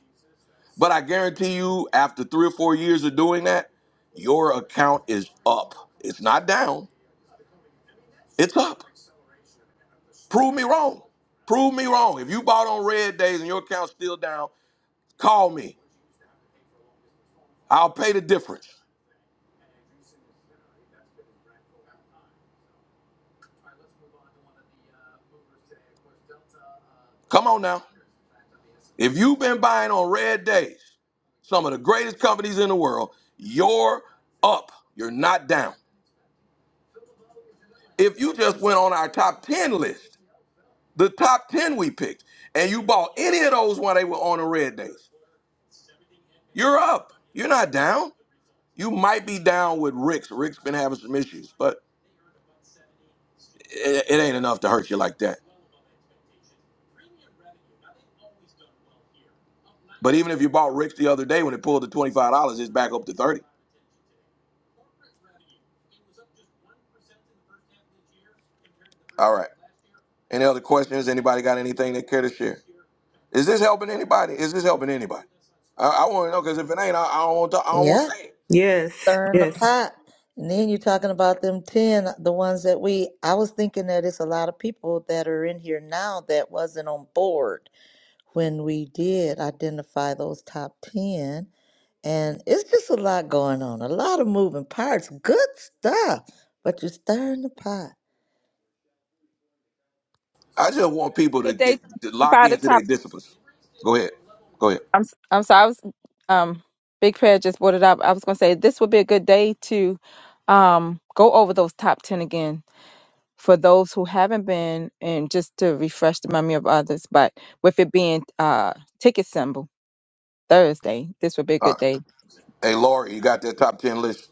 Speaker 1: But I guarantee you, after three or four years of doing that, your account is up. It's not down. It's up. Prove me wrong. Prove me wrong. If you bought on red days and your account's still down, call me I'll pay the difference. Come on now. If you've been buying on red days, some of the greatest companies in the world, you're up. You're not down. If you just went on our top 10 list, the top 10 we picked, and you bought any of those while they were on the red days, you're up. You're not down. You might be down with Rick's. Rick's been having some issues, but it, it ain't enough to hurt you like that. But even if you bought Rick's the other day when it pulled to $25, it's back up to 30. All right. Any other questions? Anybody got anything they care to share? Is this helping anybody? Is this helping anybody? I, I want to know because if it ain't, I, I don't want to. I don't want to
Speaker 2: Yeah,
Speaker 1: say it.
Speaker 8: Yes,
Speaker 2: stirring the
Speaker 8: yes,
Speaker 2: pot. And then you're talking about them 10, the ones that we, I was thinking that it's a lot of people that are in here now that wasn't on board. when we did identify those top 10. And it's just a lot going on, a lot of moving parts, good stuff. But you're stirring the pot.
Speaker 1: I just want people to
Speaker 4: Good
Speaker 1: get to lock into
Speaker 4: day.
Speaker 1: their disciplines. Go ahead. Go ahead.
Speaker 4: I'm s- I'm sorry. I was um big prayer just brought it up. I was gonna say this would be a good day to um go over those top ten again for those who haven't been and just to refresh the memory of others. But with it being uh ticket symbol. Thursday. This would be a
Speaker 1: Uh,
Speaker 4: good day.
Speaker 1: hey, Lori, you got that top ten list?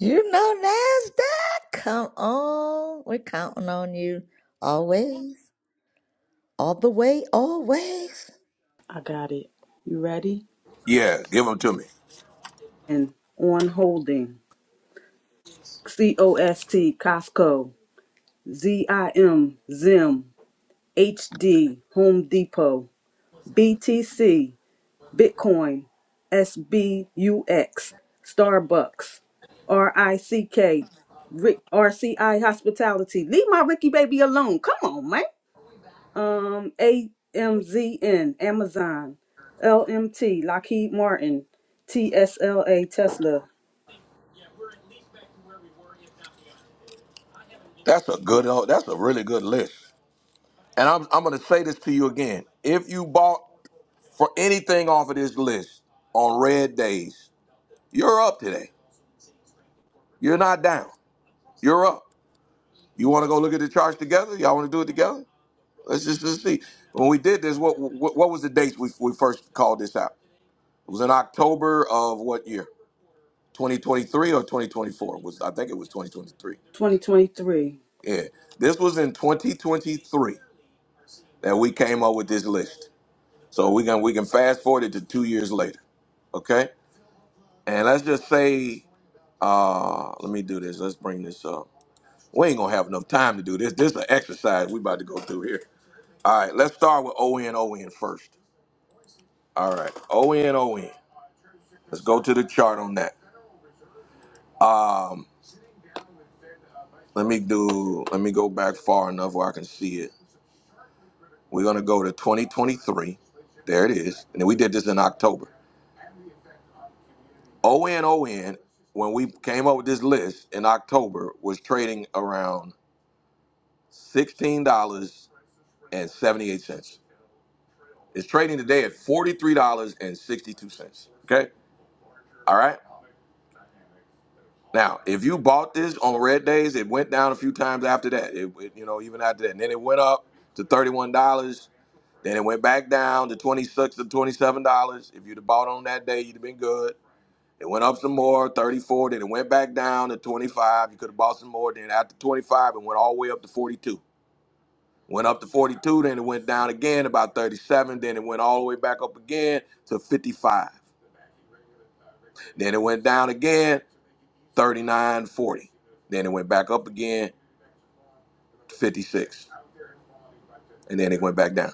Speaker 2: You know, NASDAQ, come on. We're counting on you always, all the way, always,
Speaker 3: I got it. You ready?
Speaker 1: Yeah, give them to me.
Speaker 3: And on holding. C O S T Costco. Z I M Zim. H D Home Depot. B T C Bitcoin. S B U X Starbucks. R I C K. Rick- RCI Hospitality. Leave my Ricky baby alone. Come on, man. um AMZN, Amazon, LMT, Lockheed Martin, TSLA, Tesla,
Speaker 1: That's a good. uh, That's a really good list. And I'm I'm gonna say this to you again. If you bought for anything off of this list on red days, you're up today. You're not down. You're up. You want to go look at the charts together? Y'all want to do it together? Let's just let's see. When we did this, what what, what was the dates we, we first called this out? It was in October of what year? 2023 or 2024? Was I think it was 2023.
Speaker 3: 2023.
Speaker 1: Yeah, this was in 2023 that we came up with this list. So we can we can fast forward it to two years later. Okay, and let's just say, uh, let me do this. Let's bring this up. We ain't gonna have enough time to do this. This is an exercise we about to go through here. All right, let's start with ON ON first. All right, ON ON. Let's go to the chart on that. Um, let me do. Let me go back far enough where I can see it. We're gonna go to 2023. There it is. And then we did this in October. ON ON. When we came up with this list in October, was trading around sixteen dollars and seventy-eight cents. It's trading today at forty-three dollars and sixty-two cents. Okay. All right. Now, if you bought this on red days, it went down a few times after that. It, it- you know, even after that, and then it went up to thirty-one dollars. Then it went back down to twenty-six to twenty-seven dollars. If you'd have bought on that day, you'd have been good. It went up some more, thirty-four. Then it went back down to twenty-five. You could have bought some more. Then after twenty-five, it went all the way up to forty-two. Went up to forty-two. Then it went down again about thirty-seven. Then it went all the way back up again to fifty-five. Then it went down again, thirty-nine, forty. Then it went back up again. 56, and then it went back down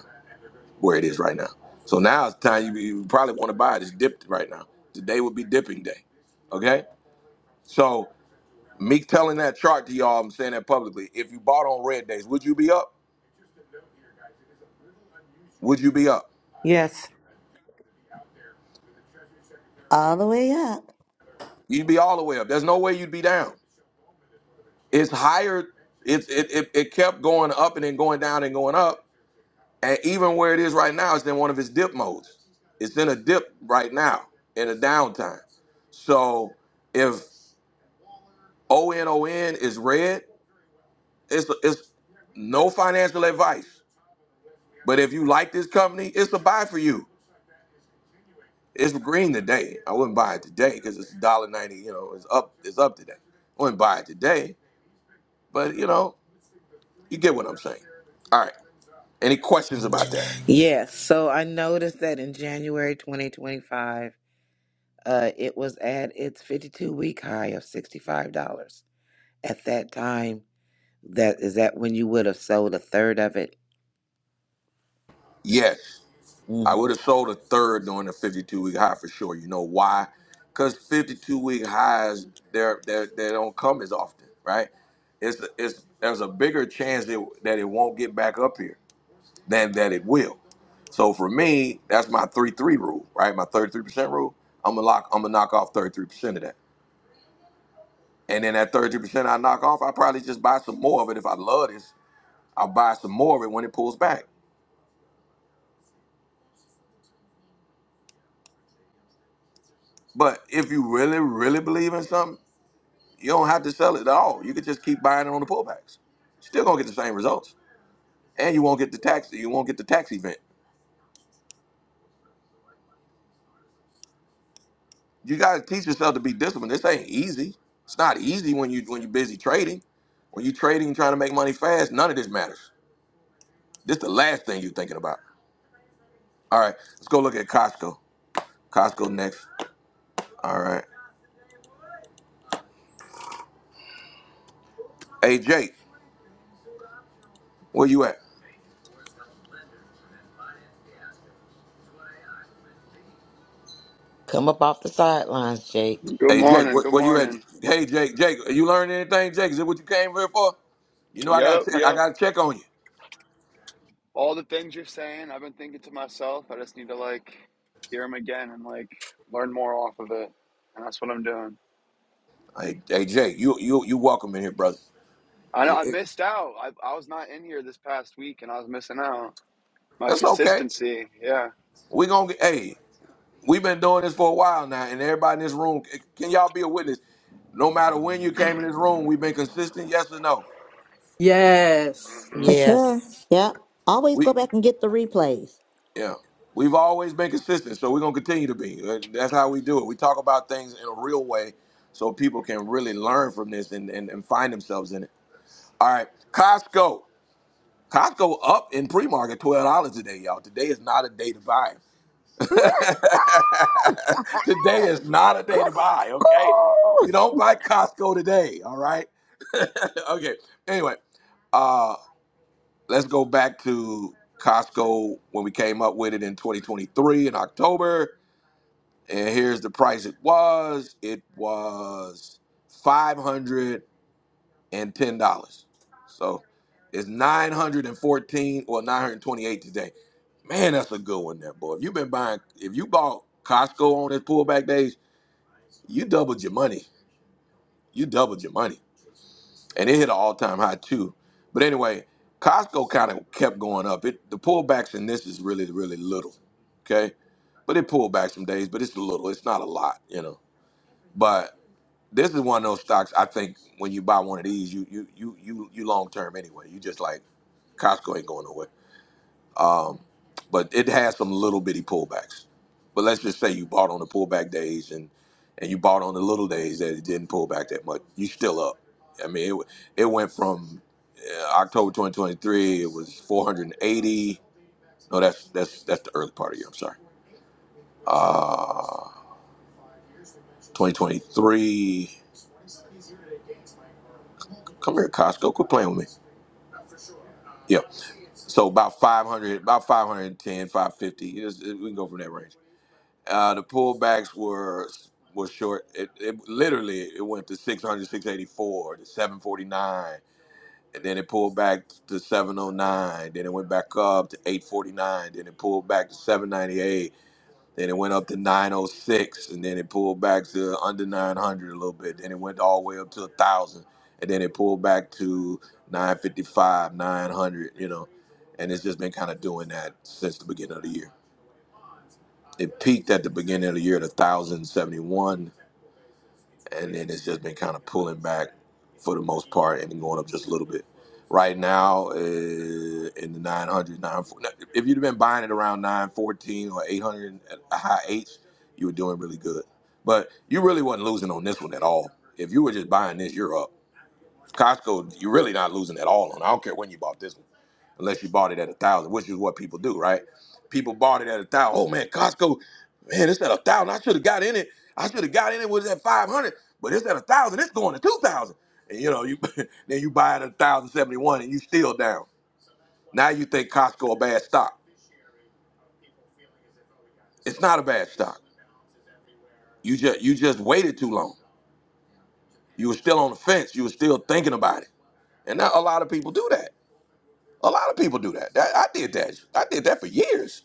Speaker 1: where it is right now. So now it's time you, you probably want to buy it. It's dipped right now. Today would be dipping day. Okay? So me telling that chart to y'all, I'm saying that publicly. If you bought on red days, would you be up? Would you be up?
Speaker 8: yes.
Speaker 2: all the way up.
Speaker 1: You'd be all the way up. There's no way you'd be down. It's higher. It's it, it, it kept going up and then going down and going up. And even where it is right now, it's in one of its dip modes. It's in a dip right now in a downtime. So if O N O N is red. It's it's no financial advice. But if you like this company, it's a buy for you. It's green today. I wouldn't buy it today because it's one dollar ninety. you know, it's up it's up today. I wouldn't buy it today, but you know, you get what I'm saying. All right. Any questions about that?
Speaker 5: Yes, so I noticed that in January 2025, uh, it was at its 52 week high of $65. At that time, that is that when you would have sold a third of it?
Speaker 1: Yes. I
Speaker 5: Mhm.
Speaker 1: would have sold a third during the 52 week high for sure. You know why? Because 52 week highs, they're, they're, they don't come as often, right? It's, it's There's a bigger chance that, that it won't get back up here than that it will. So for me, that's my 3 3 rule, right? My 33% rule. I'm gonna lock. I'm gonna knock off 33% of that, and then that 33% I knock off, I probably just buy some more of it. If I love this, I'll buy some more of it when it pulls back. But if you really, really believe in something You don't have to sell it at all. You could just keep buying it on the pullbacks. Still gonna get the same results, and you won't get the tax. You won't get the tax event. You gotta teach yourself to be disciplined. This ain't easy. It's not easy when you when you're busy trading. When you're trading, trying to make money fast, none of this matters. This the last thing you're thinking about. All right, let's go look at Costco. Costco next. All right. Hey Jake, where you at?
Speaker 5: Come up off the sidelines, Jake.
Speaker 14: Good
Speaker 1: Hey Jake,
Speaker 14: morning.
Speaker 1: where,
Speaker 14: Good
Speaker 1: where you at?
Speaker 14: morning.
Speaker 1: Hey Jake, Jake, you learned anything? Jake, is it what you came here for? You know I got
Speaker 14: Yep,
Speaker 1: I
Speaker 14: yep.
Speaker 1: got to check on you.
Speaker 14: All the things you're saying, I've been thinking to myself. I just need to like hear them again and like learn more off of it, and that's what I'm doing.
Speaker 1: Hey, hey Jay, you you you welcome in here, brother.
Speaker 14: I know I
Speaker 1: It- it-
Speaker 14: missed out. I I was not in here this past week, and I was missing out. My
Speaker 1: That's okay.
Speaker 14: consistency. Yeah.
Speaker 1: We gonna get. Hey, we've been doing this for a while now, and everybody in this room, c- can y'all be a witness? No matter when you came in this room, we've been consistent. Yes or no?
Speaker 3: Yes.
Speaker 14: Mhm.
Speaker 2: For sure.
Speaker 5: Yes.
Speaker 2: Yep. Always
Speaker 1: We
Speaker 2: go back and get the replays.
Speaker 1: yeah, we've always been consistent, so we're gonna continue to be. Uh, That's how we do it. We talk about things in a real way, so people can really learn from this and and, and find themselves in it. All right, Costco. Costco up in pre-market twelve dollars today, y'all. Today is not a day to buy. today is not a day
Speaker 2: Cusco.
Speaker 1: to buy, okay? You don't buy Costco today, all right? okay. Anyway, uh let's go back to Costco when we came up with it in 2023 in October. And here's the price it was. It was five hundred and ten dollars. So it's nine hundred and fourteen or nine hundred twenty-eight today. Man, that's a good one there, boy. If you've been buying, if you bought Costco on its pullback days, you doubled your money. You doubled your money, and it hit an all-time high too. But anyway, Costco kind of kept going up. It the pullbacks in this is really really little, okay? But it pulled back some days, but it's a little. It's not a lot, you know. This is one of those stocks. I think when you buy one of these, you you you you you long term anyway. You just like Costco ain't going nowhere. Um, but it has some little bitty pullbacks. But let's just say you bought on the pullback days and and you bought on the little days that it didn't pull back that much. You still up. I mean, it w- it went from uh, October 2023. It was 480. No, that's that's that's the early part of the year. I'm sorry. Uh, 2023. Come here, Costco. Quit playing with me. Yeah. So about 500, about five hundred and ten, five fifty. It is- it- we can go from that range. Uh, the pullbacks were were short. It, it literally it went to six hundred, six eighty four to 749, and then it pulled back to 709. Then it went back up to 849. Then it pulled back to 798. Then it went up to 906, and then it pulled back to under 900 a little bit. Then it went all the way up to 1,000, and then it pulled back to 955, 900, you know. And it's just been kind of doing that since the beginning of the year. It peaked at the beginning of the year at 1,071, and then it's just been kind of pulling back for the most part and going up just a little bit. Right now, uh, in the 900s, 940, if you'd have been buying it around 914 or 800 at a high H, you were doing really good. But you really wasn't losing on this one at all. If you were just buying this, you're up. Costco, you're really not losing at all on. I don't care when you bought this one unless you bought it at a thousand, which is what people do, right? People bought it at a thousand. Oh man, Costco, man, it's at a thousand. I should have got in it. I should have got in it was at five hundred, but it's at a thousand. It's going to two thousand. And you know, you then you buy it at a thousand seventy one, and you still down. Now you think Costco a bad stock. It's not a bad stock. You just you just waited too long. You were still on the fence. You were still thinking about it. And now a lot of people do that. A lot of people do that. that I did that. I did that for years.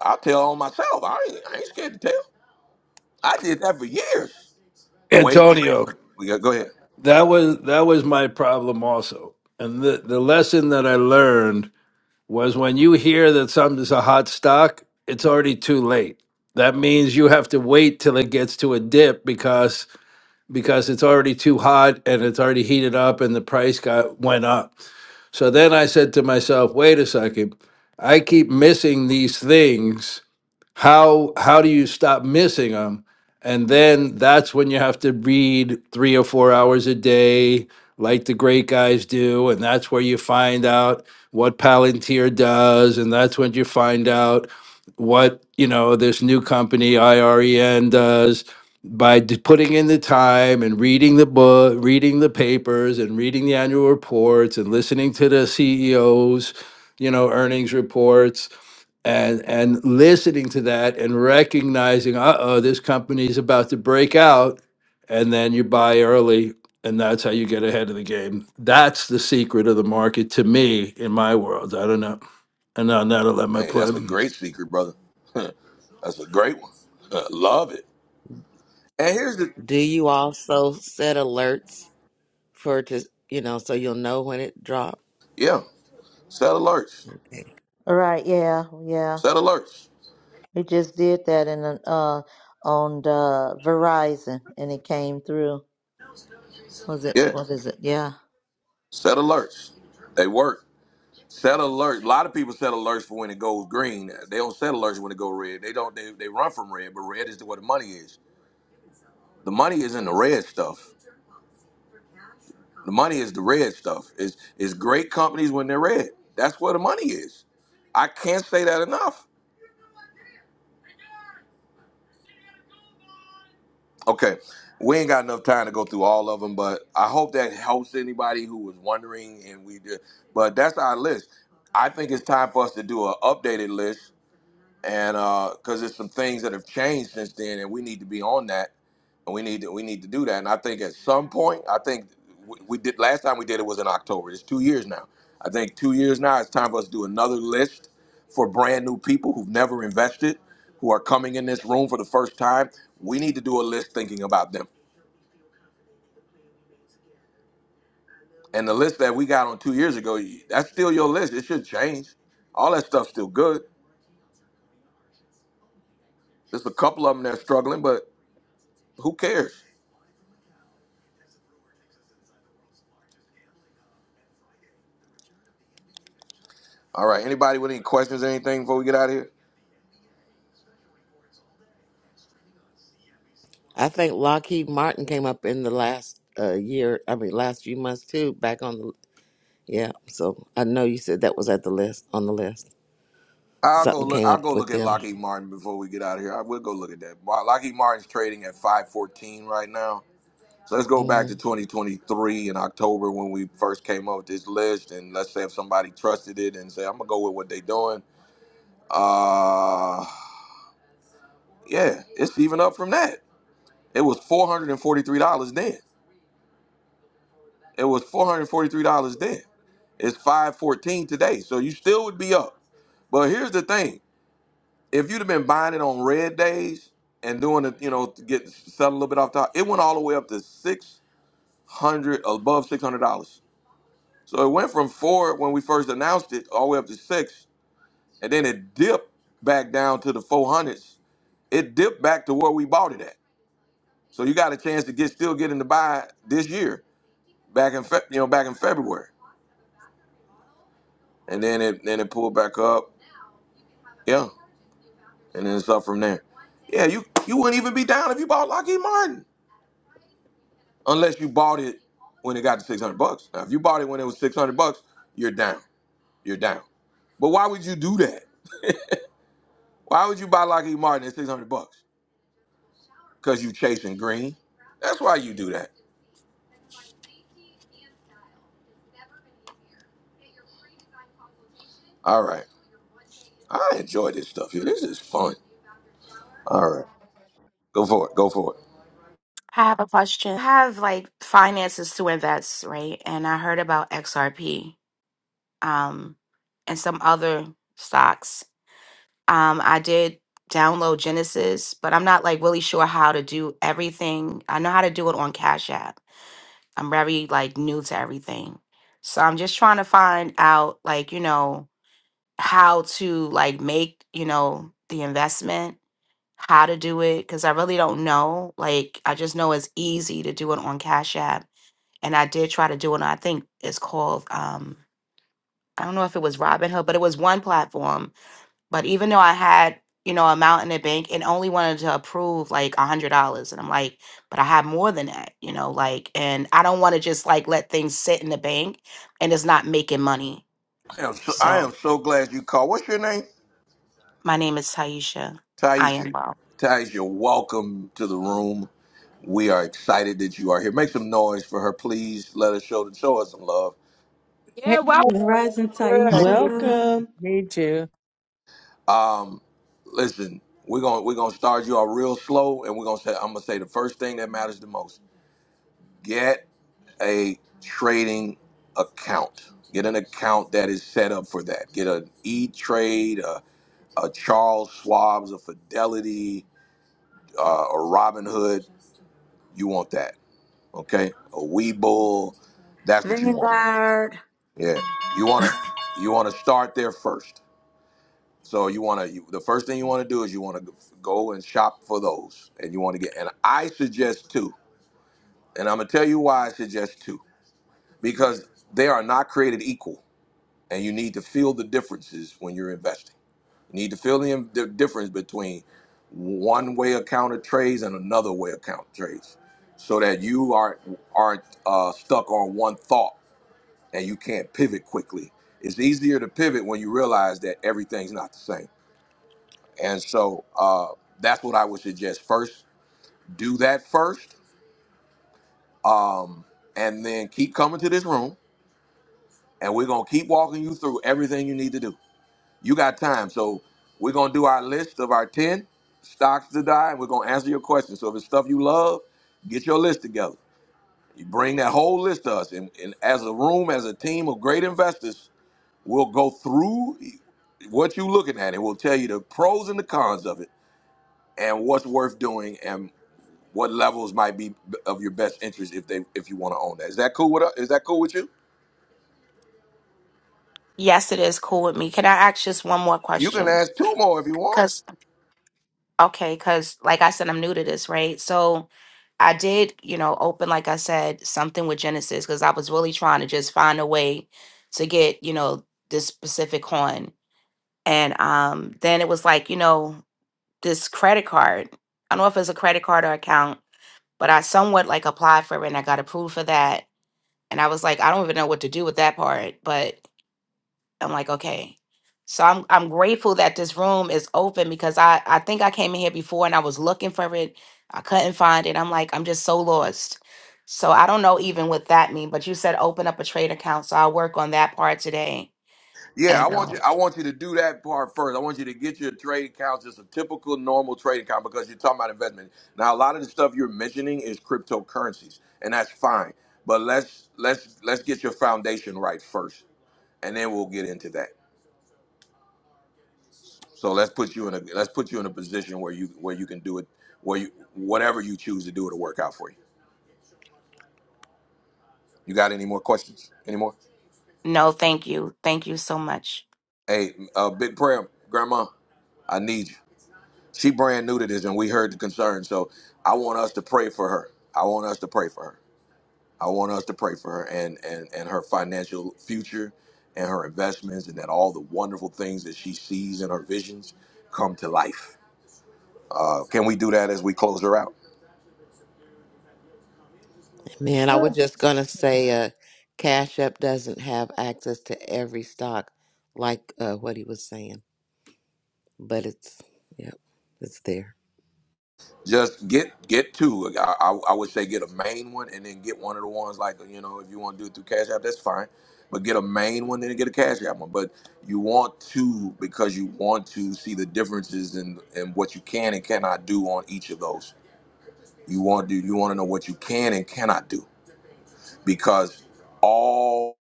Speaker 1: I'll tell on myself. I ain't, I ain't scared to tell. I did that for years. Wait, wait,
Speaker 13: Antonio,
Speaker 1: We got go ahead.
Speaker 13: that was that was my problem also. And the the lesson that I learned was when you hear that something's a hot stock, it's already too late. That means you have to wait till it gets to a dip because because it's already too hot and it's already heated up and the price got went up. So then I said to myself, wait a second, I keep missing these things how how do you stop missing them and then that's when you have to read three or four hours a day like the great guys do and that's where you find out what palantir does and that's when you find out what you know this new company iren does by d- putting in the time and reading the book reading the papers and reading the annual reports and listening to the ceos you know earnings reports and and listening to that and recognizing uh-oh this company's about to break out and then you buy early and that's how you get ahead of the game that's the secret of the market to me in my world i don't know and on that i'll let my
Speaker 1: Hey, that's a
Speaker 13: play
Speaker 1: great secret, brother. that's a great one. Love it. And here's the
Speaker 5: Do you also set alerts for to you know so you'll know when it drops?
Speaker 1: yeah. Set alerts.
Speaker 2: Right, yeah, yeah.
Speaker 1: Set alerts.
Speaker 2: We just did that in an, uh on the Verizon, and it came through. Was it?
Speaker 1: Yeah.
Speaker 2: What is it? Yeah.
Speaker 1: Set alerts. They work. Set alerts. A lot of people set alerts for when it goes green. They don't set alerts when it goes red. They don't. They, they run from red, but red is where the money is. The money is in the red stuff. The money is the red stuff. Is is great companies when they're red. That's where the money is. I can't say that enough. Okay, we ain't got enough time to go through all of them, but I hope that helps anybody who was wondering. And we did, but that's our list. I think it's time for us to do an updated list and uh, because there's some things that have changed since then, and we need to be on that, and we need to we need to do that. And I think at some point, I think we, we did last time we did it was in October. It's two years now. I think two years now. It's time for us to do another list for brand new people who've never invested, who are coming in this room for the first time. We need to do a list thinking about them. And the list that we got on two years ago, that's still your list. It should change. All that stuff's still good. There's a couple of them that are struggling, but who cares? All right. Anybody with any questions or anything before we get out of here?
Speaker 5: I think Lockheed Martin came up in the last uh, year. I mean, last few months too. Back on the yeah. So I know you said that was at the list on the list.
Speaker 1: I'll go
Speaker 5: Something
Speaker 1: look.
Speaker 5: came
Speaker 1: I'll
Speaker 5: up
Speaker 1: go
Speaker 5: with
Speaker 1: look at
Speaker 5: them.
Speaker 1: Lockheed Martin before we get out of here. I will go look at that. Wa- Lockheed Martin's trading at five fourteen right now. So let's go back
Speaker 5: hmm
Speaker 1: to twenty twenty three in October when we first came up with this list, and let's say if somebody trusted it and say I'm gonna go with what they are doing. Uh, yeah, it's even up from that. It was four hundred and forty three dollars then. It was four hundred forty three dollars then. It's five fourteen today. So you still would be up. But here's the thing. if you'd have been buying it on red days and doing it, you know, to get sell a little bit off top, it went all the way up to six hundred above six hundred dollars. So it went from four when we first announced it all the way up to six, and then it dipped back down to the four hundreds. It dipped back to where we bought it at. So you got a chance to get still getting to buy this year back in Fe- you know back in February, and then it then it pulled back up, yeah, and then it's up from there. Yeah, you you wouldn't even be down if you bought Lockheed Martin. unless you bought it when it got to 600 bucks. Now, if you bought it when it was 600 bucks, you're down. You're down. But why would you do that? Why would you buy Lockheed Martin at 600 bucks? Because you chasing green. That's why you do that. All right. I enjoy this stuff here. This is fun. All right. Go for it. Go for it.
Speaker 15: I have a question. I have like finances to invest, right? And I heard about XRP um, and some other stocks. Um, I did download Genesis, but I'm not like really sure how to do everything. I know how to do it on Cash App. I'm very like new to everything. So I'm just trying to find out like, you know, how to like make, you know, the investment, how to do it, because I really don't know. Like, I just know it's easy to do it on Cash App and I did try to do it. on I think it's called um, I don't know if it was Robinhood, but it was one platform. But even though I had you know amount in the bank, it only wanted to approve like a hundred dollars, and I'm like, but I have more than that, you know, like, and I don't want to just like let things sit in the bank and it's not making money.
Speaker 1: I am so, I
Speaker 15: So
Speaker 1: am so glad you called. What's your name?
Speaker 15: my name is Taisha. I
Speaker 1: Taisha.
Speaker 15: am well.
Speaker 1: Taisha, welcome to the room. We are excited that you are here. Make some noise for her, please. Let us show, show us some love.
Speaker 9: Hey,
Speaker 4: Yeah, well,
Speaker 3: Rising
Speaker 9: good. Good to
Speaker 3: Taisha
Speaker 8: Welcome.
Speaker 9: meet you.
Speaker 1: Um, listen, we're gonna we're gonna start you off real slow, and we're gonna say I'm gonna say the first thing that matters the most: get a trading account. Get an account that is set up for that. Get an E Trade, a, a Charles Schwab's, a Fidelity, uh, a Robinhood. You want that, okay? A Webull. That's what you want.
Speaker 2: Vanguard.
Speaker 1: Yeah, you wanna you wanna start there first. So you want to the first thing you want to do is you want to go and shop for those, and you want to get. And I suggest two, and I'm gonna tell you why I suggest two because they are not created equal, and you need to feel the differences when you're investing. You need to feel the, the difference between one way account of counter trades and another way account trades, so that you are aren't uh, stuck on one thought and you can't pivot quickly. It's easier to pivot when you realize that everything's not the same And so uh, that's what I would suggest. First, do that first, um, and then keep coming to this room, and we're gonna keep walking you through everything you need to do. You got time, so we're gonna do our list of our ten stocks to die, and we're gonna answer your questions. So if it's stuff you love, get your list together. You bring that whole list to us, and, and as a room, as a team of great investors, we'll go through what you're looking at, and we'll tell you the pros and the cons of it, and what's worth doing, and what levels might be of your best interest if they if you want to own that. Is that cool with uh, is that cool with you?
Speaker 15: Yes, it is cool with me. Can I ask just one more
Speaker 1: You can
Speaker 15: question?
Speaker 1: ask two more if you want.
Speaker 15: Because Okay, because like I said, I'm new to this, right? So I did, you know, open, like I said, something with Genesis because I was really trying to just find a way to get, you know, this specific coin. And um, then it was like, you know, this credit card. I don't know if it's a credit card or account, but I somewhat like applied for it and I got approved for that. And I was like, I don't even know what to do with that part, but I'm like, okay. So I'm I'm grateful that this room is open because I I think I came in here before and I was looking for it. I couldn't find it. I'm like, I'm just so lost. So I don't know even what that means, but you said open up a trade account, so I'll work on that part today.
Speaker 1: Yeah, I
Speaker 15: And
Speaker 1: want you
Speaker 15: um,
Speaker 1: I want you to do that part first. I want you to get your trading accounts just a typical normal trading account because you're talking about investment. Now a lot of the stuff you're mentioning is cryptocurrencies, and that's fine. But let's let's let's get your foundation right first, and then we'll get into that. So let's put you in a let's put you in a position where you where you can do it where you whatever you choose to do it'll work out for you. You got any more questions? Any more?
Speaker 15: no, thank you. Thank you so much.
Speaker 1: Hey, uh, big prayer, Grandma. I need you. She brand new to this, and we heard the concern. So I want us to pray for her. I want us to pray for her. I want us to pray for her and and and her financial future, and her investments, and that all the wonderful things that she sees in her visions come to life. Uh, can we do that as we close her out?
Speaker 5: Man, I was
Speaker 2: Sure.
Speaker 5: just gonna say, uh, Cash App doesn't have access to every stock, like uh, what he was saying. But it's yep, it's there.
Speaker 1: Just get get two. Like, I, I, I would say get a main one and then get one of the ones like you know if you want to do it through Cash App, that's fine. But get a main one and then get a Cash App one. But you want two because you want to see the differences in and what you can and cannot do on each of those. You want to you want to know what you can and cannot do because all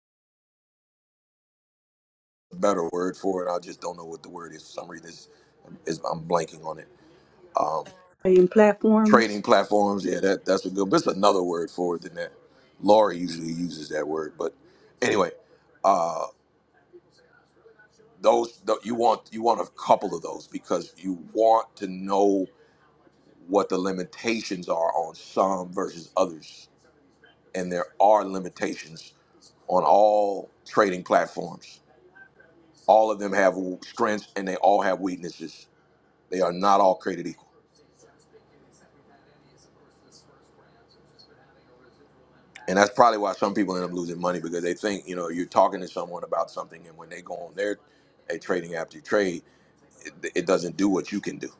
Speaker 1: better word for it. I just don't know what the word is for some reason. It's, it's, I'm blanking on it. Um,
Speaker 3: and
Speaker 1: trading
Speaker 3: platforms.
Speaker 1: platforms. Yeah, that that's a good. But it's another word for it than that. Laura usually uses that word, but anyway, uh, those th- you want you want a couple of those because you want to know what the limitations are on some versus others, and there are limitations on all trading platforms. All of them have strengths and they all have weaknesses. They are not all created equal. and that's probably why some people end up losing money because they think you know you're talking to someone about something and when they go on their a trading app to trade it, it doesn't do what you can do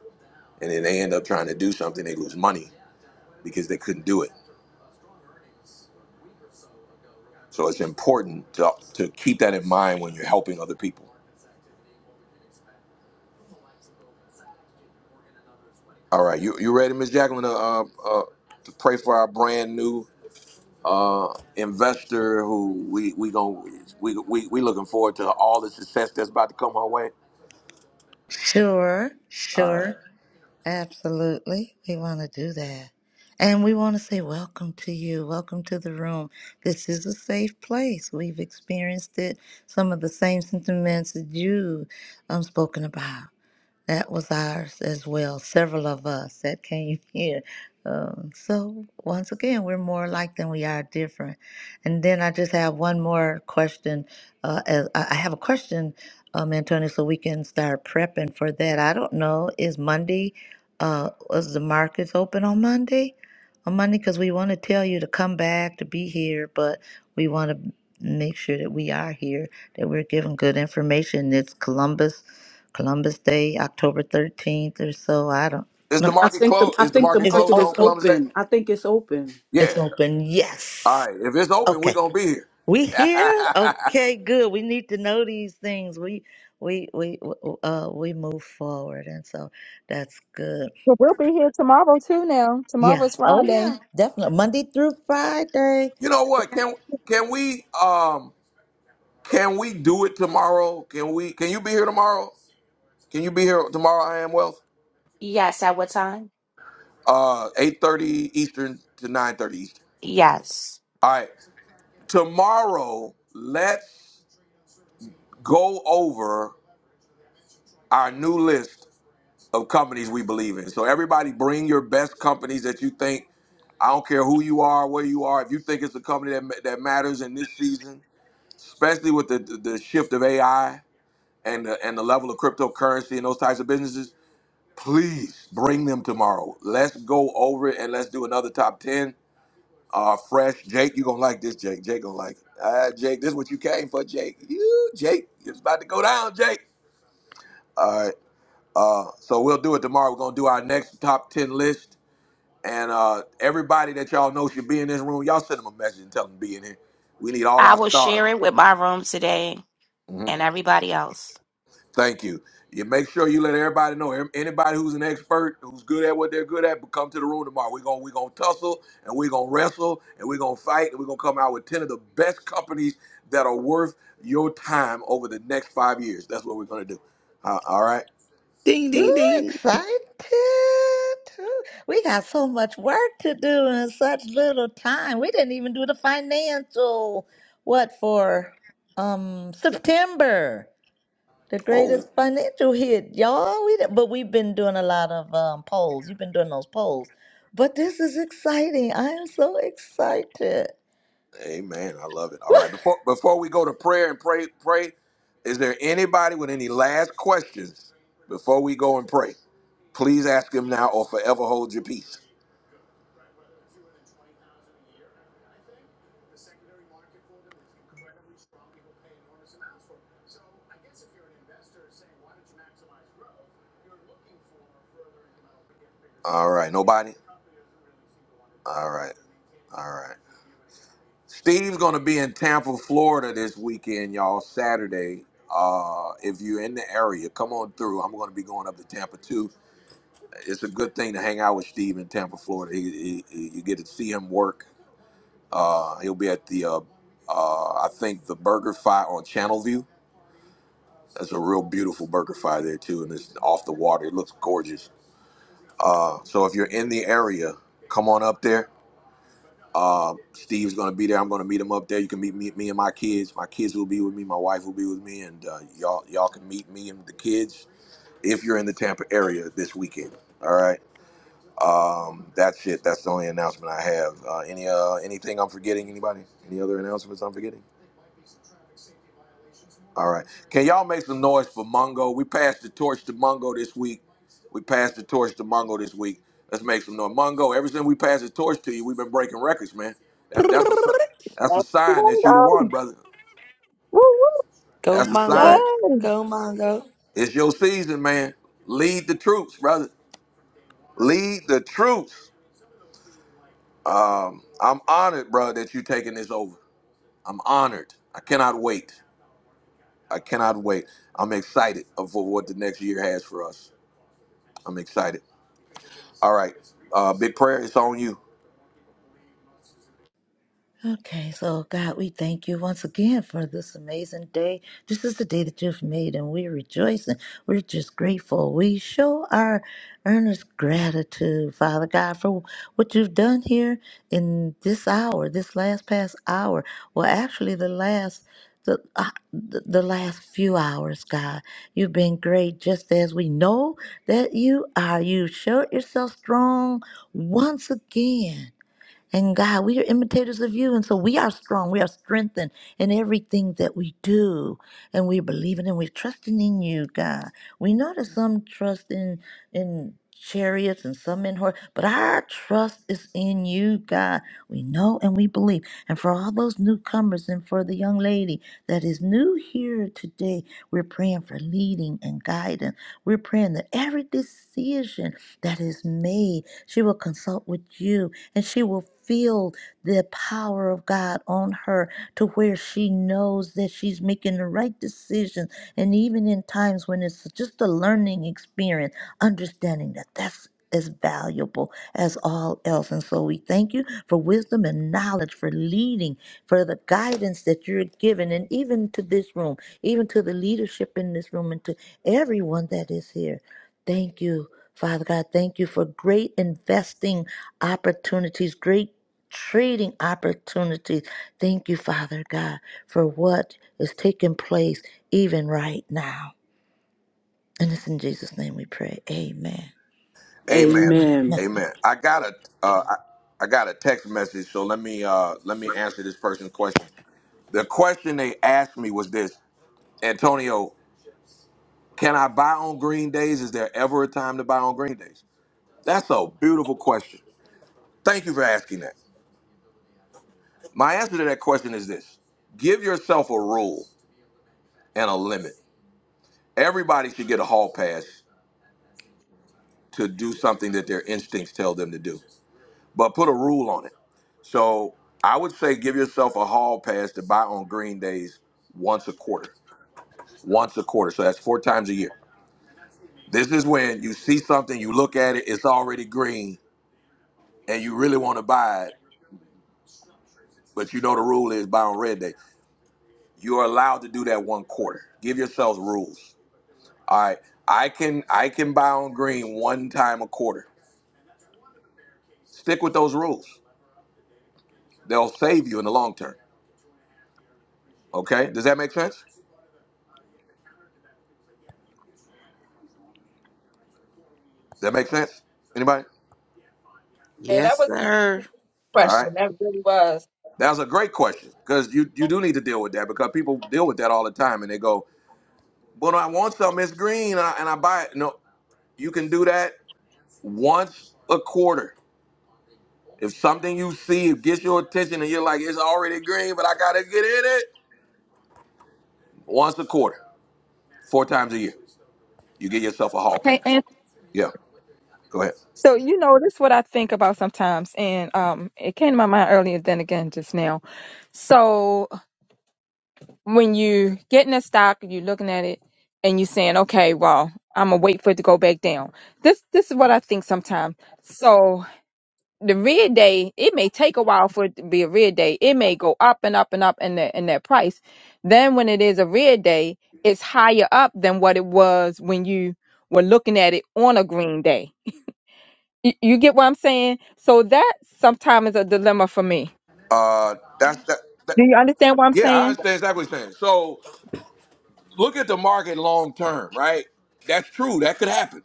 Speaker 1: and then they end up trying to do something they lose money because they couldn't do it so it's important to, to keep that in mind when you're helping other people all right you, you ready miss jacqueline to, uh, uh, to pray for our brand new uh, investor who we we going we, we we looking forward to all the success that's about to come our way
Speaker 2: Sure.
Speaker 1: All right.
Speaker 2: Sure. Absolutely. We want to do that. And we want to say welcome to you. Welcome to the room. This is a safe place. We've experienced it. Some of the same sentiments that you um spoken about. That was ours as well. Several of us that came here. Um, so once again, we're more alike than we are different. And then I just have one more question. Uh, as- I I have a question, um, Antonio, so we can start prepping for that. I don't know. Is Monday? Uh, was the markets open on Monday? On Monday, because we want to tell you to come back to be here, but we want to make sure that we are here, that we're giving good information. It's Columbus Columbus Day, October 13th or so. I don't.
Speaker 1: Is
Speaker 2: let
Speaker 1: the
Speaker 2: me
Speaker 3: I
Speaker 2: see.
Speaker 1: market
Speaker 3: think the
Speaker 1: closed?
Speaker 3: I
Speaker 1: Is the
Speaker 3: think the
Speaker 1: market
Speaker 2: Is it
Speaker 1: closed
Speaker 3: market is
Speaker 1: on
Speaker 2: open?
Speaker 1: Columbus Day?
Speaker 3: open. I think it's open.
Speaker 2: It's
Speaker 1: Yeah.
Speaker 2: open.
Speaker 1: All
Speaker 2: Yes.
Speaker 1: right. If it's open, we're
Speaker 2: Okay.
Speaker 1: gonna be here.
Speaker 2: We here? Okay, good. We need to know these things. We we we uh we move forward and so that's good.
Speaker 4: but we'll be here tomorrow too. Now
Speaker 2: Yeah.
Speaker 4: tomorrow's
Speaker 2: Oh
Speaker 4: Friday.
Speaker 2: yeah, definitely. Monday through Friday.
Speaker 1: you know what? Can can we um can we do it tomorrow? Can we can you be here tomorrow? Can you be here tomorrow, I am wealth?
Speaker 15: Yes, at what time?
Speaker 1: Uh eight thirty Eastern to nine thirty Eastern.
Speaker 15: Yes.
Speaker 1: All right. Tomorrow, let's go over our new list of companies we believe in. So everybody bring your best companies that you think I don't care who you are, where you are. If you think it's a company that ma- that matters in this season, especially with the the, the shift of AI and the, and the level of cryptocurrency and those types of businesses, please bring them tomorrow. Let's go over it and let's do another top ten. Uh, fresh Jake, you gonna like this, Jake. Jake gonna like it. Uh, Jake, this is what you came for, Jake. You, Jake, it's about to go down, Jake. All right. Uh, so we'll do it tomorrow. We're gonna do our next top ten list And uh, everybody that y'all know should be in this room, y'all send them a message and tell them to be in here. We need all
Speaker 15: I
Speaker 1: our
Speaker 15: will
Speaker 1: stars.
Speaker 15: share it with my room today
Speaker 1: hmm
Speaker 15: and everybody else.
Speaker 1: Thank you. You make sure you let everybody know. Em- Anybody who's an expert, who's good at what they're good at, come to the room tomorrow. We're gonna we're gonna tussle and we're gonna wrestle and we're gonna fight and we're gonna come out with ten of the best companies that are worth your time over the next five years. That's what we're gonna do. Uh, all right.
Speaker 5: Ding ding
Speaker 2: Ooh,
Speaker 5: ding.
Speaker 2: excited. Ooh, we got so much work to do in such little time. We didn't even do the financial, what for, um, September, the
Speaker 1: Oh,
Speaker 2: greatest financial hit, y'all. We did, but we've been doing a lot of um, polls. You've been doing those polls. But this is exciting. I am so excited.
Speaker 1: Amen. I love it. All right. Before before we go to prayer and pray pray, is there anybody with any last questions before we go and pray? Please ask him now or forever hold your peace. All right. Nobody? All right. All right. Steve's gonna be in Tampa, Florida this weekend, y'all, Saturday. Uh, if you're in the area, come on through. I'm gonna be going up to Tampa too. It's a good thing to hang out with Steve in Tampa, Florida. He, he, he- you get to see him work Uh, he'll be at the, uh, uh, I think, the Burger Fi on Channel View. That's a real beautiful Burger Fi there, too, and it's off the water. It looks gorgeous. Uh, so if you're in the area, come on up there. Uh, Steve's going to be there. I'm going to meet him up there. You can meet me, me and my kids. My kids will be with me. My wife will be with me, and uh, y'all y'all can meet me and the kids if you're in the Tampa area this weekend. All right. Um, that's it. That's the only announcement I have. Uh, any uh, anything I'm forgetting? Anybody? Any other announcements I'm forgetting? All right. Can y'all make some noise for Mongo? We passed the torch to Mongo this week. We passed the torch to Mongo this week. Let's make some noise. Mongo, ever since we passed the torch to you, we've been breaking records, man. That, that's a that's a
Speaker 4: Yes, we are
Speaker 1: sign
Speaker 4: gonna
Speaker 1: that you the
Speaker 4: go.
Speaker 1: one, brother.
Speaker 4: Woo,
Speaker 5: Go
Speaker 1: That's a
Speaker 4: woo.
Speaker 1: sign.
Speaker 5: Mongo. Go Mongo.
Speaker 1: It's your season, man. Lead the troops, brother. Lead the troops. Um, I'm honored, bro, that you taking this over. I'm honored. I cannot wait. I cannot wait. I'm excited for what the next year has for us. I'm excited. All right. Uh, big prayer. It's on you.
Speaker 2: Okay, so God, we thank you once again for this amazing day. This is the day that you've made, and we're rejoicing. We're just grateful. We show our earnest gratitude, Father God, for what you've done here in this hour, this last past hour. Well, actually, the last. The, uh, the the last few hours, God, you've been great just as we know that you are. You showed yourself strong once again. And God, we are imitators of you. And so we are strong. We are strengthened in everything that we do. And we're believing and we're trusting in you, God. We know that some trust in in chariots and some in horse, but our trust is in you, God. We know and we believe. And for all those newcomers and for the young lady that is new here today, we're praying for leading and guidance. We're praying that every decision decision that is made. She will consult with you and she will feel the power of God on her to where she knows that she's making the right decision. And even in times when it's just a learning experience, understanding that that's as valuable as all else. And so we thank you for wisdom and knowledge, for leading, for the guidance that you're giving, and even to this room, even to the leadership in this room, and to everyone that is here. Thank you, Father God. Thank you for great investing opportunities, great trading opportunities. Thank you, Father God, for what is taking place even right now. And it's in Jesus' name we pray. Amen.
Speaker 1: Amen.
Speaker 3: Amen.
Speaker 1: Amen. I got a uh, I, I got a text message. So let me uh, let me answer this person's question. The question they asked me was this: Antonio, can I buy on green days? Is there ever a time to buy on green days? That's a beautiful question. Thank you for asking that. My answer to that question is this: Give yourself a rule and a limit. Everybody should get a hall pass to do something that their instincts tell them to do, but put a rule on it So I would say give yourself a hall pass to buy on green days once a quarter. Once a quarter. So that's four times a year. This is when you see something, you look at it, it's already green, and you really want to buy it, but you know the rule is buy on red day. You're allowed to do that one quarter. Give yourselves rules. All right. I can I can buy on green one time a quarter. Stick with those rules. They'll save you in the long term. Okay? Does that make sense? Does that make sense? Anybody?
Speaker 4: Yeah, that
Speaker 5: Yes,
Speaker 4: was a
Speaker 5: sir.
Speaker 4: good
Speaker 1: All
Speaker 4: question.
Speaker 1: right.
Speaker 4: That really was.
Speaker 1: That's a great question because you, you do need to deal with that because people deal with that all the time and they go, but I want something, it's green and I, and I buy it. No, you can do that once a quarter. If something you see gets your attention and you're like, it's already green, but I got to get in it, once a quarter, four times a year, you get yourself a hall
Speaker 4: Hey,
Speaker 1: pass.
Speaker 4: and
Speaker 1: Yeah, go ahead.
Speaker 4: so you know, this is what I think about sometimes, and um, it came to my mind earlier than again just now. So when you get in a stock and you're looking at it and you're saying, okay, well, I'm gonna wait for it to go back down. This this is what I think sometimes. So. the red day, it may take a while for it to be a red day. It may go up and up and up in the in that price. Then when it is a red day, it's higher up than what it was when you were looking at it on a green day. You, you get what I'm saying? So that sometimes is a dilemma for me.
Speaker 1: Uh, that's that, that.
Speaker 4: Do you understand what I'm
Speaker 1: Yeah, I
Speaker 4: saying?
Speaker 1: understand exactly what you're saying. So look at the market long term, right? That's true. That could happen.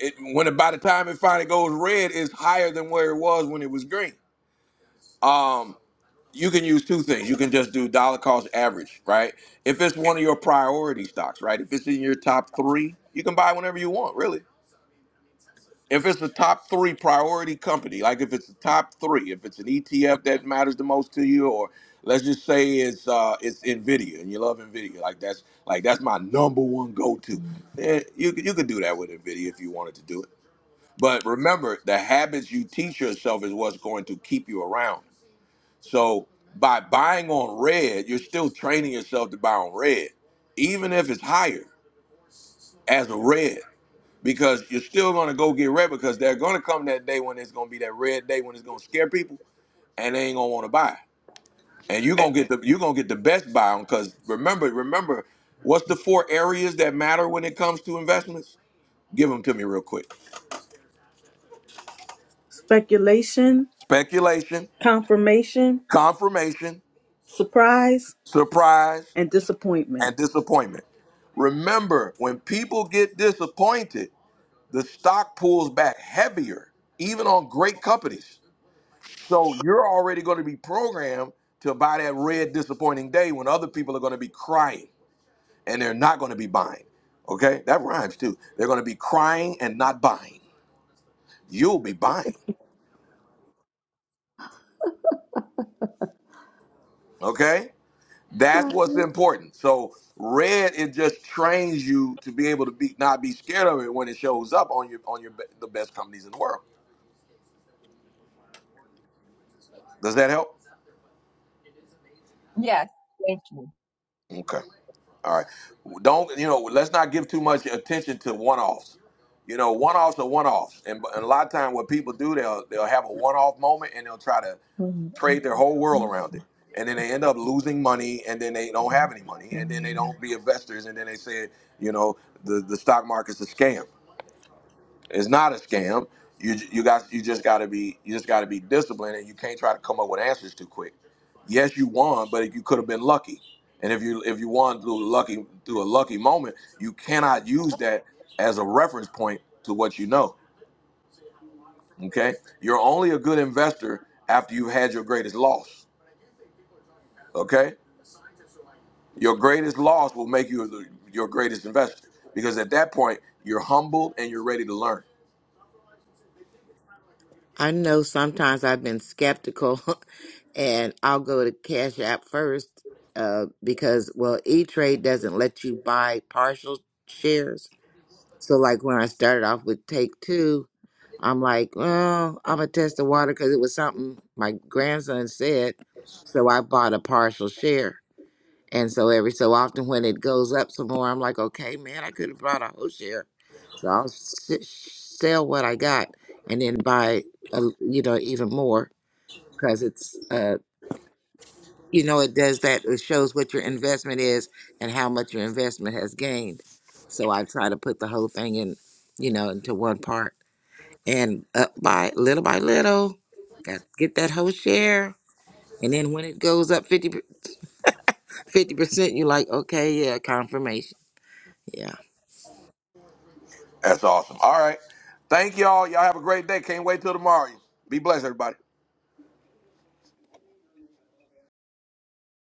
Speaker 1: It when it, by the time it finally goes red, it's higher than where it was when it was green. Um, you can use two things. You can just do dollar cost average, right? If it's one of your priority stocks, right? If it's in your top three, you can buy whenever you want, really. If it's the top three priority company, like if it's the top three, if it's an ETF that matters the most to you, or let's just say it's uh it's Nvidia and you love Nvidia, like that's like that's my number one go to. You you could do that with Nvidia if you wanted to do it. But remember, the habits you teach yourself is what's going to keep you around. So by buying on red, you're still training yourself to buy on red, even if it's higher as a red, because you're still going to go get red because they're going to come that day when it's going to be that red day when it's going to scare people and they ain't going to want to buy. And you're going to get the you're going to get the best buy on because remember, remember, what's the four areas that matter when it comes to investments? Give them to me real quick.
Speaker 3: Speculation,
Speaker 1: Speculation,
Speaker 3: confirmation,
Speaker 1: confirmation,
Speaker 3: surprise,
Speaker 1: surprise,
Speaker 3: and disappointment.
Speaker 1: and disappointment. Remember, when people get disappointed, the stock pulls back heavier, even on great companies. So you're already going to be programmed to buy that red disappointing day when other people are going to be crying and they're not going to be buying. Okay? That rhymes too. They're going to be crying and not buying. You'll be buying. Okay? That's what's important. So red it just trains you to be able to be not be scared of it when it shows up on your on your be- the best companies in the world. Does that help?
Speaker 4: Yes. Thank you.
Speaker 1: Okay. All right. Don't you know? Let's not give too much attention to one-offs. You know, one-offs are one-offs, and, and a lot of time what people do, they'll they'll have a one-off moment and they'll try to
Speaker 2: Amen.
Speaker 1: trade their whole world around it, and then they end up losing money, and then they don't have any money, and then they don't be investors, and then they say, you know, the the stock market's a scam. It's not a scam. You you got you just got to be you just got to be disciplined, and you can't try to come up with answers too quick. Yes, you won, but you could have been lucky. And if you if you won through lucky through a lucky moment, you cannot use that as a reference point to what you know. Okay, you're only a good investor after you've had your greatest loss. Okay, your greatest loss will make you the- your greatest investor because at that point you're humbled and you're ready to learn.
Speaker 5: I know sometimes I've been skeptical and I'll go to Cash App first uh, because, well, E Trade doesn't let you buy partial shares. So, like when I started off with Take Two, I'm like, well, I'm going to test the water because it was something my grandson said. So I bought a partial share. And so every so often when it goes up some more, I'm like, okay, man, I could have brought a whole share. So I'll s- sell what I got and then buy, a, you know, even more because it's, uh, you know, it does that. It shows what your investment is and how much your investment has gained. So I try to put the whole thing in, you know, into one part and up by little by little, got get that whole share. And then when it goes up 50, percent, you're like, okay, yeah, confirmation. Yeah.
Speaker 1: That's awesome. All right. Thank y'all. Y'all have a great day. Can't wait till tomorrow. Be blessed, everybody.